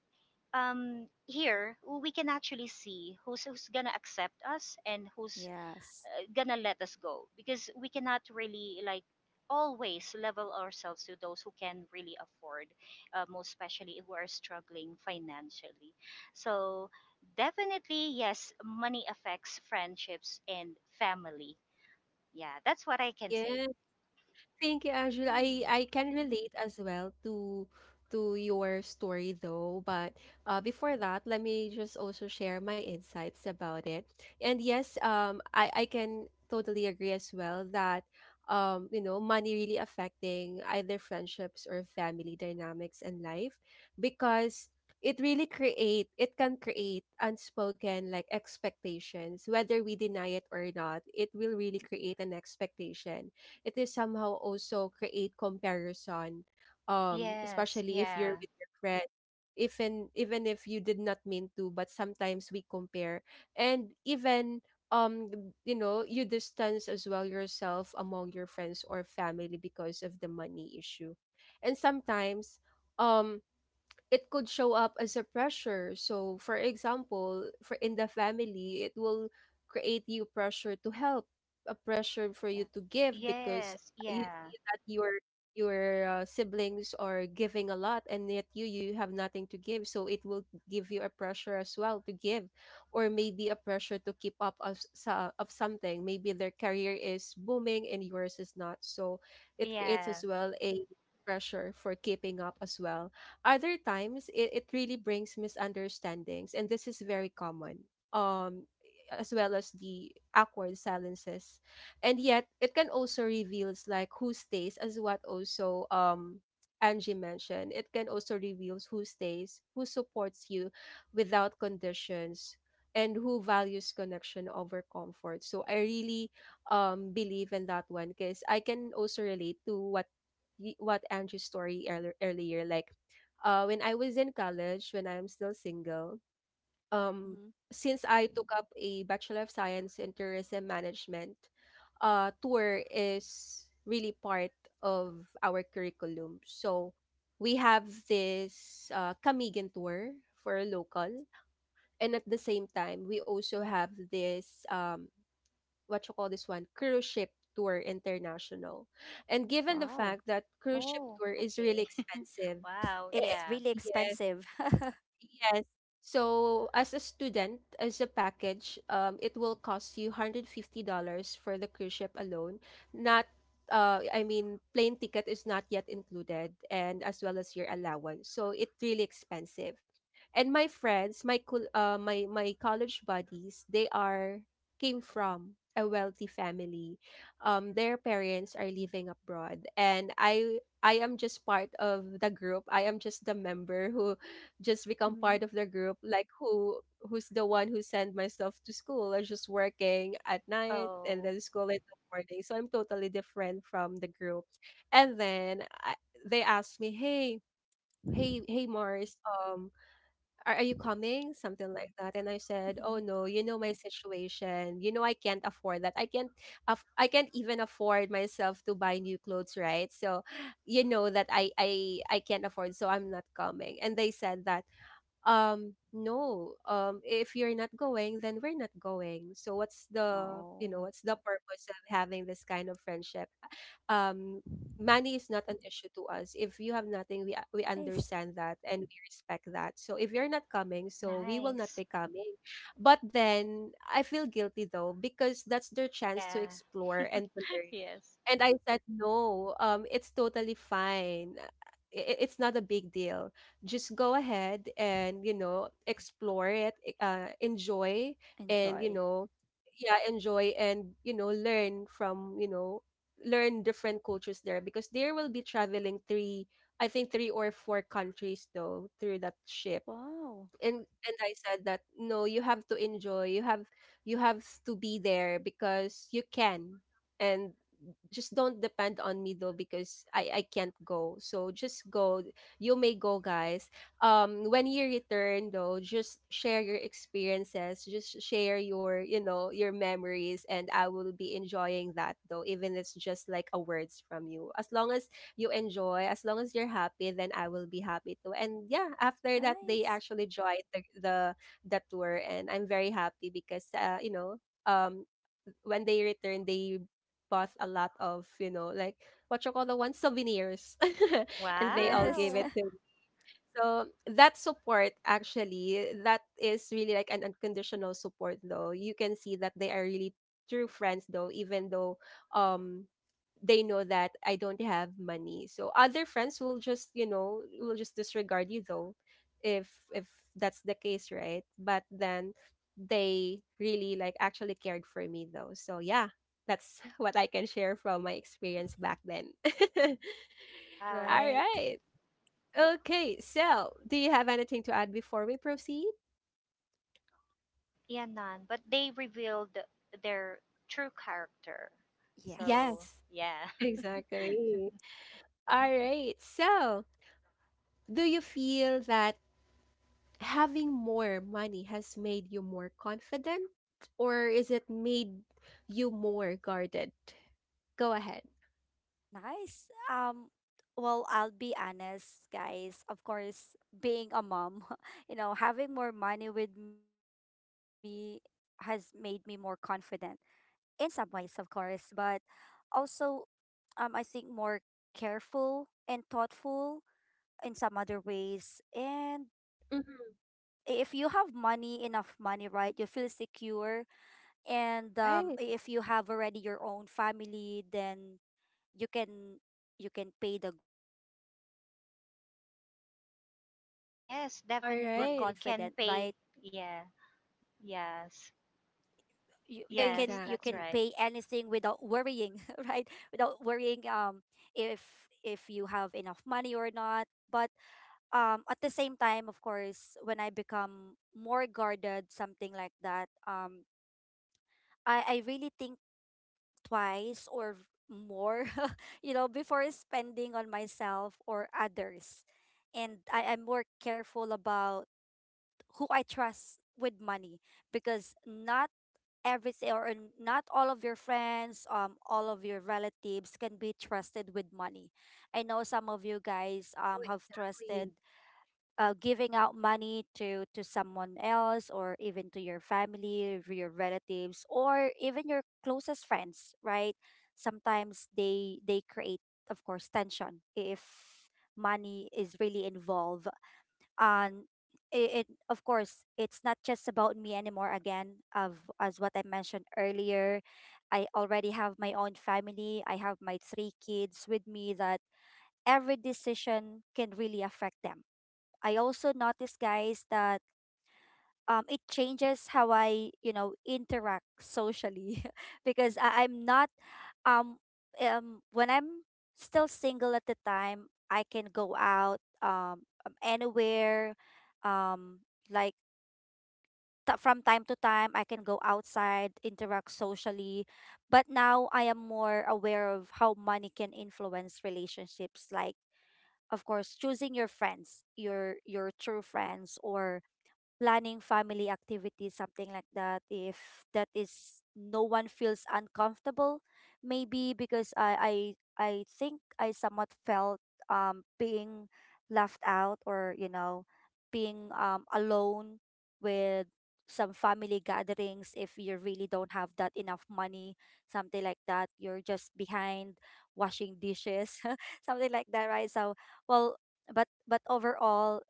S3: um here we can actually see who's who's gonna accept us and who's
S2: Yes.
S3: uh, gonna let us go, because we cannot really, like, always level ourselves to those who can really afford, uh, most especially who are struggling financially. So definitely, yes, money affects friendships and family. Yeah, that's what I can say.
S1: Yeah, thank you, Angela. I
S2: Mm.
S1: I can relate as well to to your story though. But uh, before that, let me just also share my insights about it. And yes, um, I I can totally agree as well that, um, you know, money really affecting either friendships or family dynamics in life, because it really create it can create unspoken like expectations. Whether we deny it or not, it will really create an expectation. It is somehow also create comparison, um
S3: Yes,
S1: especially if you're
S3: yeah.
S1: with your friend. Even even if you did not mean to, but sometimes we compare. And even, um th- you know, you distance as well yourself among your friends or family because of the money issue. And sometimes, um it could show up as a pressure. So, for example, for in the family, it will create you pressure to help, a pressure for
S2: Yeah.
S1: you to give, because
S3: Yes,
S1: you
S3: yeah,
S1: see that your, your uh, siblings are giving a lot, and yet you, you have nothing to give, so it will give you a pressure as well to give. Or maybe a pressure to keep up of, so- of something, maybe their career is booming and yours is not. So it creates
S3: yeah.
S1: as well a pressure for keeping up as well. Other times, it, it really brings misunderstandings, and this is very common, um, as well as the awkward silences. And yet, it can also reveals like who stays, as what also, um, Angie mentioned. It can also reveals who stays, who supports you without conditions, and who values connection over comfort. So I really um believe in that one, because I can also relate to what y- what Angie's story earlier earlier like, uh, when I was in college, when I am still single, um,
S2: Mhm.
S1: since I took up a Bachelor of Science in Tourism Management, uh, tour is really part of our curriculum. So we have this uh, Kamigan tour for a local, and at the same time, we also have this, um, what you call this one, cruise ship tour international. And given the
S2: Wow.
S1: fact that cruise ship
S3: Oh,
S1: tour is really
S3: okay.
S1: expensive,
S3: Wow,
S1: eh,
S2: It's
S3: yeah.
S2: really
S1: yes.
S2: expensive.
S1: Yes. So as a student, as a package, um, it will cost you one hundred fifty dollars for the cruise ship alone. Not, uh, I mean, plane ticket is not yet included, and as well as your allowance. So it's really expensive. And my friends, my col- uh, my my college buddies, they are came from a wealthy family. Um their parents are living abroad, and I i am just part of the group. I am just the member who just become
S2: Mhm.
S1: part of the group, like who, who's the one who sent myself to school. I'm just working at night and
S3: Oh,
S1: then school in the morning, so I'm totally different from the group. And then I, they asked me, hey, hey hey Mars, um are, are you coming? Something like that. And I said, oh no, you know my situation. You know I can't afford that. I can't, aff- I can't even afford myself to buy new clothes, right? So, you know that I, I, I can't afford, so I'm not coming. And they said that, um, no, um, if you're not going then we're not going. So what's the, you know,
S2: Oh.
S1: what's the purpose of having this kind of friendship? um Money is not an issue to us. If you have nothing, we we
S2: Nice.
S1: understand that, and we respect that. So if you're not coming, so we will not
S3: nice.
S1: be coming. But then I feel guilty though, because that's their chance to
S3: Yeah,
S1: explore and to learn.
S3: yes.
S1: And I said, no, um it's totally fine. I i- it's not a big deal. Just go ahead and, you know, explore it, e- uh, enjoy, and you
S2: Enjoy.
S1: know, yeah, enjoy and you know, learn from, you know, learn different cultures there, because they will be traveling three, I think three or four countries though, through that ship.
S2: Wow.
S1: And and I said that no, you have to enjoy. You have, you have to be there because you can. And just don't depend on me though, because I I can't go. So just go. You may go, guys. Um, when you return though, just share your experiences, just share your, you know, your memories, and I will be enjoying that though, even it's just like a words from you. As long as you enjoy. As long as you're happy, then I will be happy too. And yeah, after that, they
S2: Nice.
S1: actually joined the the, the tour, and I'm very happy because, uh, you know, um, when they returned, they bought a lot of, you know, like, what you call the one, souvenirs, and they all
S2: Yes.
S1: gave it
S3: Wow,
S1: to— So that support actually, that is really like an unconditional support though. You can see that they are really true friends though, even though, um they know that I don't have money. So other friends will just, you know, will just disregard you though if, if that's the case, right? But then they really like actually cared for me though. So yeah, that's what I can share from my experience back then.
S3: wow.
S1: All
S2: Right.
S1: right. Okay, so do you have anything to add before we proceed?
S3: Yeah, none. But they revealed their true character.
S2: Yes.
S3: So,
S1: Yes,
S3: yeah.
S1: exactly. All right, so do you feel that having more money has made you more confident, or is it made you more guarded? Go ahead.
S2: Nice. Um, well, I'll be honest, guys. Of course, being a mom, you know, having more money with me has made me more confident in some ways, of course, but also, um, I think more careful and thoughtful in some other ways. And
S1: Mhm.
S2: i- if you have money, enough money, right, you feel secure. And um,
S1: Right.
S2: i- if you have already your own family, then you can you can pay the groceries, even if there's emergencies, you
S3: Yes,
S2: feel
S1: All
S2: more
S3: definitely.
S1: right.
S3: You
S2: confident,
S3: can
S2: right?
S3: pay. Yeah,
S2: you,
S3: yes,
S2: you can you can pay anything
S3: yes,
S2: without
S3: that's
S1: Exactly.
S3: right.
S2: worrying, right? Without worrying um if if you have enough money or not. But um at the same time, of course, when I become more guarded, something like that, um i i really think twice, or v- more, you know, before spending on myself or others. And I am more careful about who I trust with money, because not everything, or n- not all of your friends, um, all of your relatives can be trusted with money. I know some of you guys
S1: Oh,
S2: um have
S1: exactly.
S2: trusted, uh, giving out money to to someone else, or even to your family, or your relatives, or even your closest friends, right? Sometimes they they create, of course, tension if money is really involved. And it, it, of course, it's not just about me anymore, again, of as what I mentioned earlier. I already have my own family. I have my three kids with me, that every decision can really affect them. I also notice, guys, that um, it changes how I, you know, interact socially, because I, I'm not um um when I'm still single at the time, I can go out um um, anywhere, um like, t- from time to time I can go outside, interact socially. But now I am more aware of how money can influence relationships, like of course choosing your friends, your your true friends, or planning family activities, something like that, if that is no one feels uncomfortable, maybe because I I I think I somewhat felt um being left out, or you know, being um alone with some family gatherings. If you really don't have that enough money, something like that, you're just behind washing dishes, something like that, right? So, well, but but overall,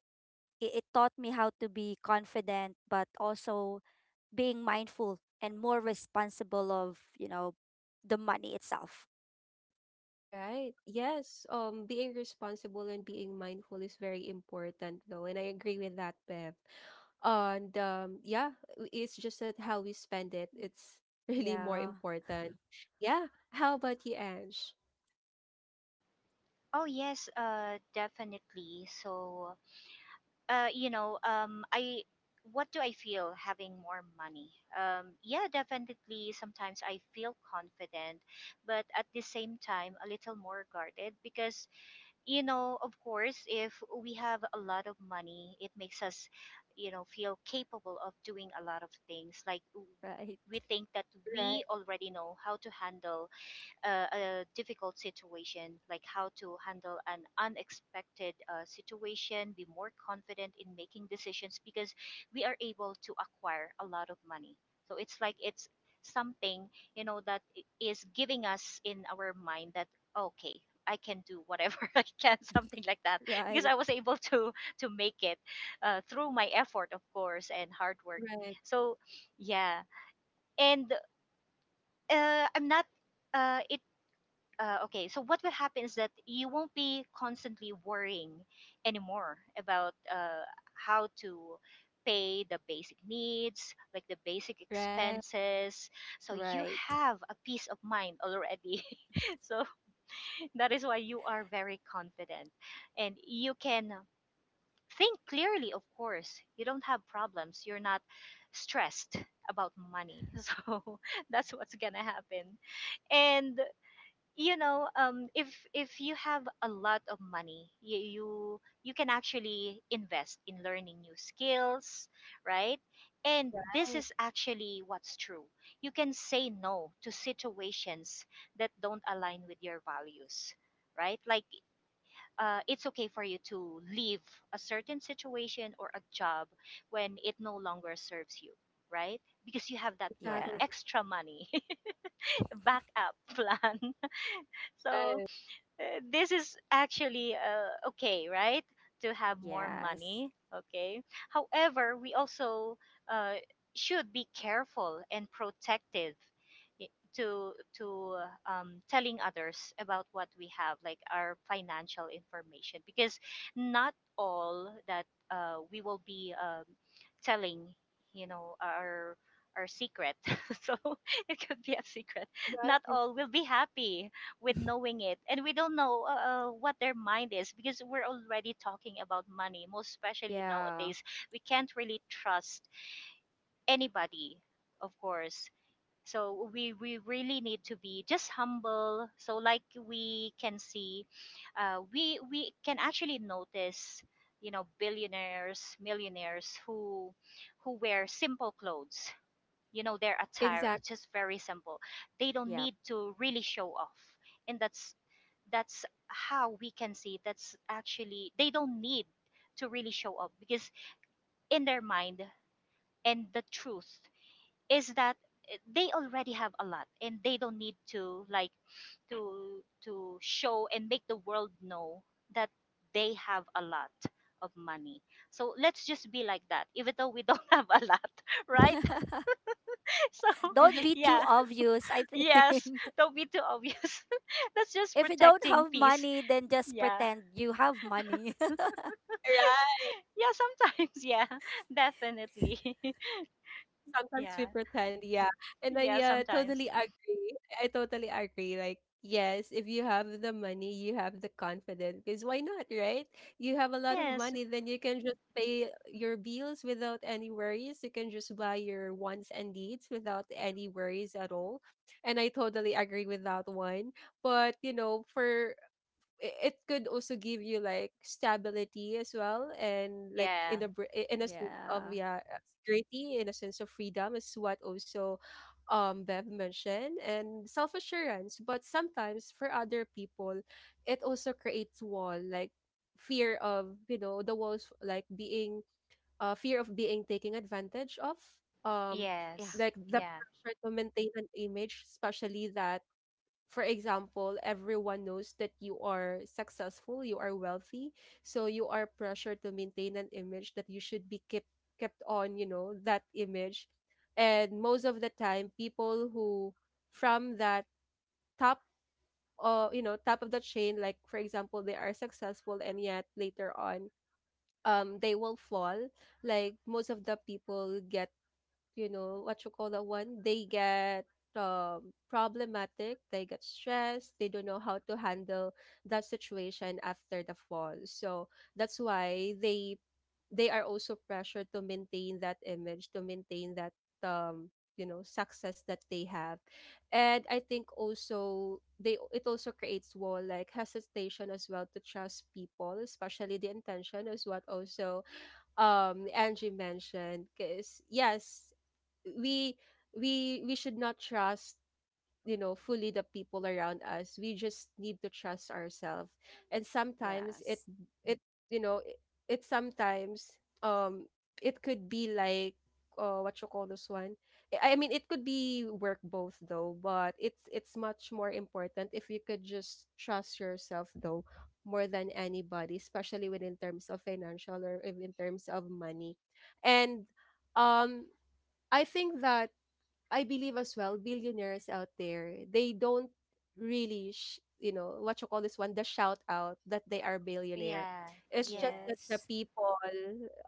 S2: it, it taught me how to be confident, but also being mindful and more responsible of, you know, the money itself.
S1: Right. Yes. Um, being responsible and being mindful is very important, though, and I agree with that, Bev. And um, yeah, w- it's just that how we spend it, it's really more
S2: Yeah.
S1: important. Yeah. How about you, Ange?
S3: Oh, yes, uh, definitely. So, uh, you know, um, I, what do I feel having more money? Um, yeah, definitely. Sometimes I feel confident, but at the same time, a little more guarded, because, you know, of course, if we have a lot of money, it makes us, you know, feel capable of doing a lot of things. Like,
S2: Right.
S3: we think that
S1: Right.
S3: we already know how to handle uh, a difficult situation, like how to handle an unexpected uh, situation, be more confident in making decisions, because we are able to acquire a lot of money. So it's like it's something, you know, that i- is giving us in our mind that, okay, I can do whatever I can, something like that, because
S2: Right.
S3: I was able to to make it uh, through my effort, of course, and hard work.
S1: Right.
S3: So yeah. And uh, I'm not uh, it uh, okay, so what will happen is that you won't be constantly worrying anymore about uh, how to pay the basic needs, like the basic
S1: Right.
S3: expenses. So you
S2: Right.
S3: have a peace of mind already. So that is why you are very confident, and you can think clearly, of course. You don't have problems, you're not stressed about money. So that's what's gonna happen. And, you know, um if if you have a lot of money, you you, you can actually invest in learning new skills, right? And this
S1: Right.
S3: is actually what's true. You can say no to situations that don't align with your values, right? Like, uh, it's okay for you to leave a certain situation or a job when it no longer serves you, right, because you have that money,
S2: Yeah.
S1: Exactly.
S3: extra money. Backup plan. So,
S1: Right.
S3: uh, this is actually uh, okay, right? To have more
S2: Yes.
S3: money, okay? However, we also uh, should be careful and protective, I- to to uh, um, telling others about what we have, like our financial information, because not all that uh, we will be um, telling, you know, our our secret. So it could be a secret. Not
S1: Right.
S3: all will be happy with knowing it, and we don't know, uh, uh, what their mind is, because we're already talking about money, most especially
S2: Yeah.
S3: nowadays. We can't really trust anybody, of course. So we, we really need to be just humble. So, like, we can see, uh, we we can actually notice, you know, billionaires, millionaires, who who wear simple clothes. You know, their attire,
S1: Exactly.
S3: it's just very simple. They don't
S2: Yeah,
S3: need to really show off. And that's that's how we can see, that's actually, they don't need to really show up, because in their mind, and the
S2: they
S3: truth
S2: are capable.
S3: is that, eh, they already have a lot, and they don't need to, like, to to show and make the world know that they have a lot of money. So let's just be like that, even though we don't have a lot, right? So
S1: Right.
S2: Don't
S1: You
S2: be
S1: just
S2: too
S1: keep
S3: yeah.
S1: sim-
S2: obvious, I think.
S3: Yes, don't be too obvious. That's just
S2: If you don't
S3: protecting
S2: have
S3: peace.
S2: money, then just
S3: Yeah.
S2: pretend you have money.
S3: Yeah, sometimes. Yeah, definitely.
S1: Sometimes we
S3: Yeah.
S1: pretend, yeah. And I,
S3: Yeah,
S1: uh,
S3: sometimes.
S1: totally agree. I totally agree. Like, yes, if you have the money, you have the confidence. Because why not, right? You have a lot of
S3: Yes.
S1: money, then you can just pay your bills without any worries. You can just buy your wants and needs without any worries at all. And I totally agree with that one. But, you know, for i- it could also give you like stability as well and like in
S3: Yeah.
S1: a br- i- in a sense of
S2: Yeah.
S1: yeah uh, security, in a sense of freedom is what also um Bev mentioned, and self assurance. But sometimes for other people it also creates wall like fear of, you know, the walls like being uh fear of being taken advantage of. um
S2: Yeah.
S3: Yes.
S1: like the
S3: Yeah.
S1: pressure to maintain an image, especially that, for example, everyone knows that you are successful, you are wealthy, so you are pressured to maintain an image that you should be kept kept on, you know, that image. And most of the time, people who from that top, uh you know, top of the chain, like for example, they are successful and yet later on um they will fall. Like most of the people get, you know, what you call that one, they get um, problematic, they get stressed, they don't know how to handle that situation after the fall. So that's why they they are also pressured to maintain that image, to maintain that um you know, success that they have. And I think also they it also creates wall like hesitation as well to trust people, especially the intention, is what also um Angie mentioned. Because yes, we we we should not trust, you know, fully the people around us. We just need to trust ourselves. And sometimes it
S2: Yes.
S1: it you know, it, it sometimes um it could be like uh, what you call this one, i I mean, it could be work both though, but it's it's much more important if you could just trust yourself, though, more than anybody, especially when in terms of financial, or if in terms of money. And um I think that, I believe as well, billionaires out there, they don't really sh- you know what you call this one, the shout out that they are billionaire.
S3: Yeah.
S1: It's just that the
S3: Yes.
S2: Yes,
S1: people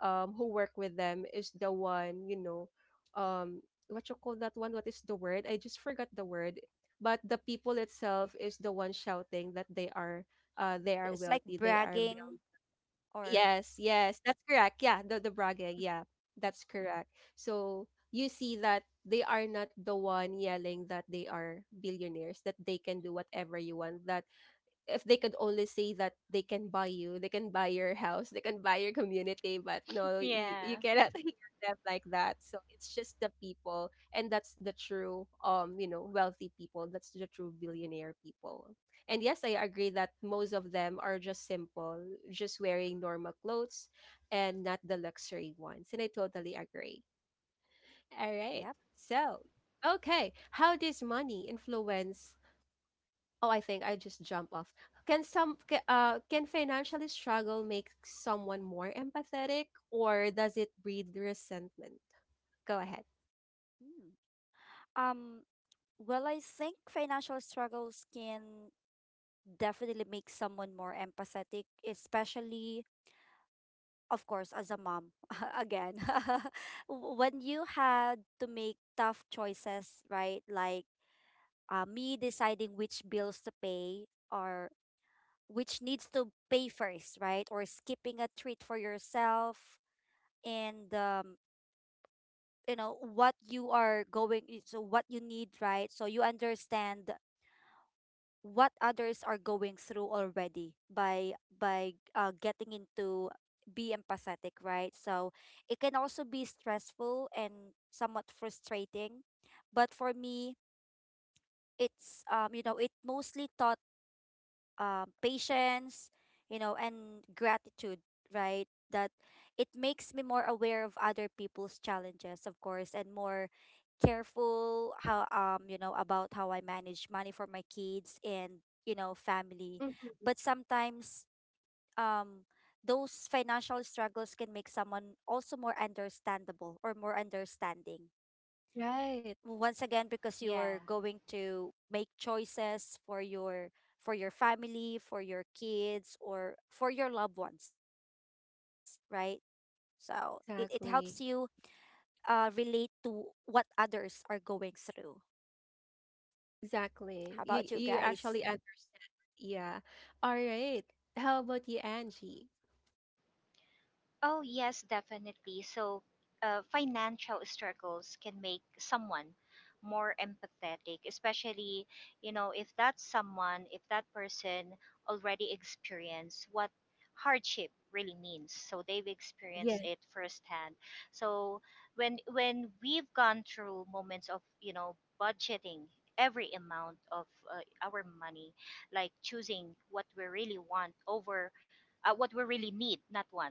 S1: um who work with them is the one, you know, um what you call that one, what is the word, I just forgot the word. But the people itself is the one shouting that they are, uh they are
S2: it's like
S1: wealthy, they are.
S2: bragging, or...
S1: Yes, yes, that's correct. Yeah, the the bragging. Yeah, that's correct. So you see that they are not the one yelling that they are billionaires, that they can do whatever you want, that if they could only say that they can buy you, they can buy your house, they can buy your community. But no, you, you
S3: Yeah.
S1: cannot hear them like that. So it's just the people, and that's the true, um, you know, wealthy people. That's the true billionaire people. And yes, I agree that most of them are just simple, just wearing normal clothes and not the luxury ones. And I totally agree. All right.
S2: yeah.
S1: So, okay, how does money influence? Oh, I think I just jump off. Can some ca- uh can financially struggle make someone more empathetic, or does it breed resentment? Go ahead.
S2: Hmm. Um, well, I think financial struggles can definitely make someone more empathetic, especially, of course, as a mom. Again, W- when you had to make tough choices, right? Like, uh, me deciding which bills to pay, or which needs to pay first, right? Or skipping a treat for yourself, and, um, you know, what you are going, so what you need, right? So you understand what others are going through already, by by uh, getting into, be empathetic, right? So it can also be stressful and somewhat frustrating, but for me, it's um you know, it mostly taught um, patience, you know, and gratitude, right? That it makes me more aware of other people's challenges, of course, and more careful how, um you know, about how I manage money for my kids and, you know, family.
S1: Mhm.
S2: But sometimes um those financial struggles can make someone also more understandable, or more understanding,
S1: Right.
S2: once again, because
S3: Yeah.
S2: you're going to make choices for your, for your family, for your kids, or for your loved ones, right? So it, it helps you
S1: Exactly.
S2: uh relate to what others are going through. How
S1: Exactly.
S2: about you
S1: You you
S2: guys?
S1: actually understand. Yeah. All right. How about you, Angie?
S3: Oh, yes, definitely. So, uh, financial struggles can make someone more empathetic, especially, you know, if that someone, if that person already experienced what hardship really means. So they've experienced
S1: Yeah.
S3: it firsthand. So when when we've gone through moments of, you know, budgeting every amount of uh, our money, like choosing what we really want over uh, what we really need, not want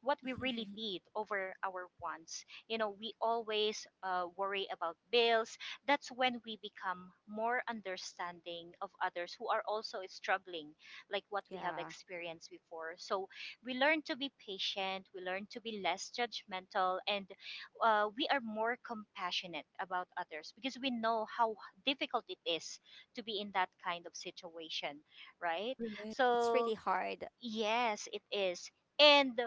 S3: what we really need over our wants. You know, we always uh, worry about bills. That's when we become more understanding of others who are also struggling, like what we have
S2: Yeah,
S3: experienced before. So we learn to be patient, we learn to be less judgmental, and uh, we are more compassionate about others, because we know how difficult it is to be in that kind of situation, right?
S1: Right.
S2: it's
S3: So,
S2: really hard.
S3: yes, it is. And,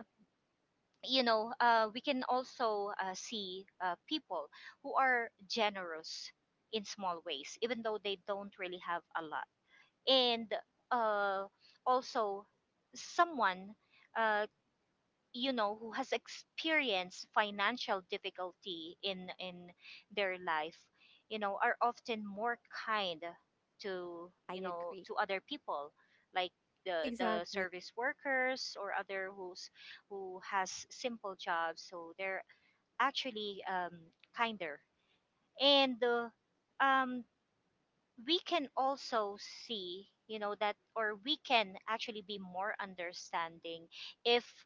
S3: you know, uh, we can also uh, see uh, people who are generous in small ways, even though they don't really have a lot. And uh, also, someone, uh, you know, who has experienced financial difficulty in in their life, you know, are often more kind to, you
S2: I
S3: know,
S2: agree.
S3: to other people, like the the
S1: Exactly.
S3: service workers, or other who's, who has simple jobs. So they're actually um, kinder. And uh, um, we can also see, you know, that, or we can actually be more understanding if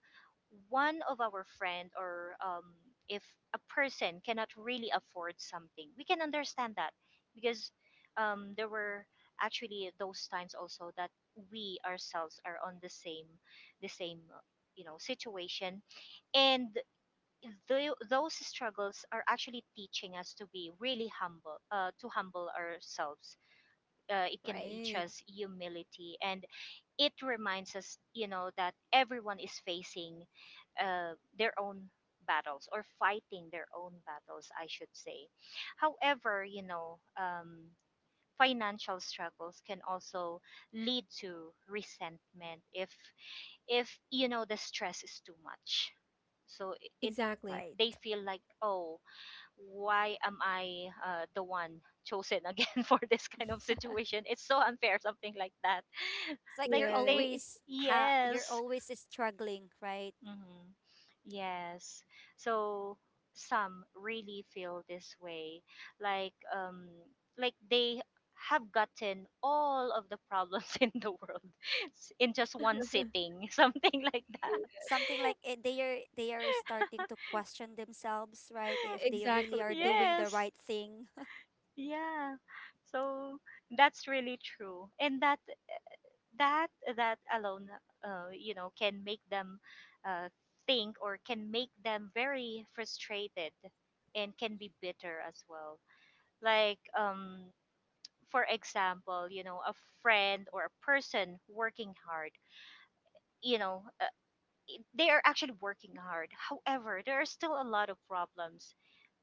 S3: one of our friend, or um, if a person cannot really afford something, we can understand that, because um, there were actually those times also that we ourselves are on the same the same uh, you know, situation. And tho- those struggles are actually teaching us to be really humble, uh, to humble ourselves. Uh, it can
S2: Right.
S3: teach
S1: Right.
S3: us humility, and it reminds us, you know, that everyone is facing uh, their own battles, or fighting their own battles, I should say. However, you know, um, financial struggles can also lead to resentment if, if you know, the stress is too much. So it, it,
S1: Exactly.
S3: they
S2: Right.
S3: feel like, oh, why am I uh, the one chosen again for this kind of situation? It's so unfair, something like that.
S2: It's like
S3: Like
S2: you're
S1: Yes.
S3: they,
S2: always, ha you're
S3: yes,
S2: always struggling, right?
S3: hmm, yes. So some really feel this way, like, um, like they have gotten all of the problems in the world s- in just one sitting, something like that.
S1: Yeah,
S2: Something like, eh, they are they are starting to question themselves, right? If they really
S1: exactly.
S2: are doing the
S3: Yes.
S2: right thing.
S3: Yeah. So that's really true. And that that that alone uh, you know, can make them uh, think, or can make them very frustrated, and can be bitter as well. Like, um for example, you know, a friend or a person working hard, you know, uh, they are actually working hard, however there are still a lot of problems,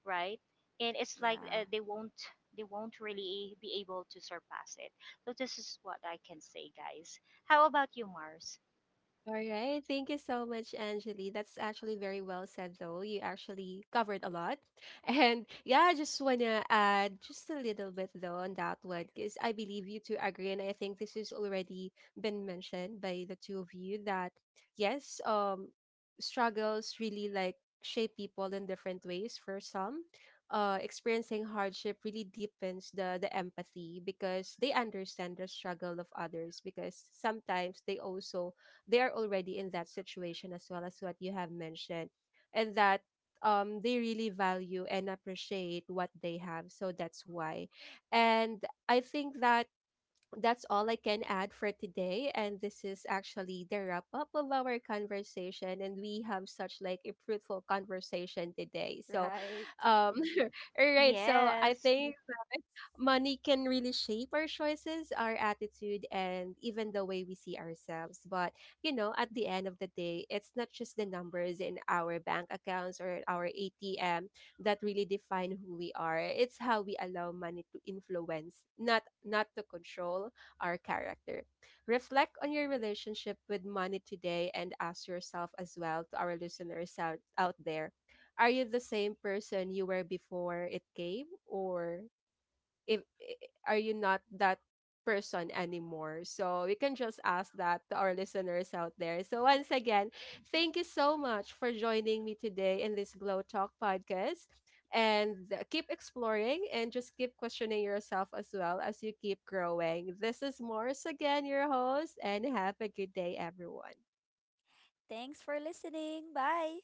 S3: right? And it's like,
S2: Yeah,
S3: uh, they won't, they won't really be able to surpass it. So this is what I can say, guys. How about you, Mars?
S1: All right. Thank you so much, Angeli. That's actually very well said, though. You actually covered a lot. And yeah, I just want to add just a little bit, though, on that one, because I believe you two agree. And I think this has already been mentioned by the two of you that, yes, um, struggles really like shape people in different ways for some. Uh, experiencing hardship really deepens the the empathy, because they understand the struggle of others, because sometimes they also, they are already in that situation as well, as what you have mentioned. And that um they really value and appreciate what they have, so that's why. And I think that that's all I can add for today. And this is actually the wrap up of our conversation. And we have such like a fruitful conversation today. So,
S2: right.
S1: um, all right. So I
S3: Yes.
S1: think money can really shape our choices, our attitude, and even the way we see ourselves. But, you know, at the end of the day, it's not just the numbers in our bank accounts or our A T M that really define who we are. It's how we allow money to influence, not not to control our character. Reflect on your relationship with money today, and ask yourself as well, to our listeners out, out there, are you the same person you were before it came? Or if eh, are you not that person anymore? So we can just ask that to our listeners out there. So once again, thank you so much for joining me today in this Glow Talk Podcast. And uh, keep exploring and just keep questioning yourself as well as you keep growing. This is Morris again, your host, and have a good day everyone.
S2: Thanks for listening. Bye.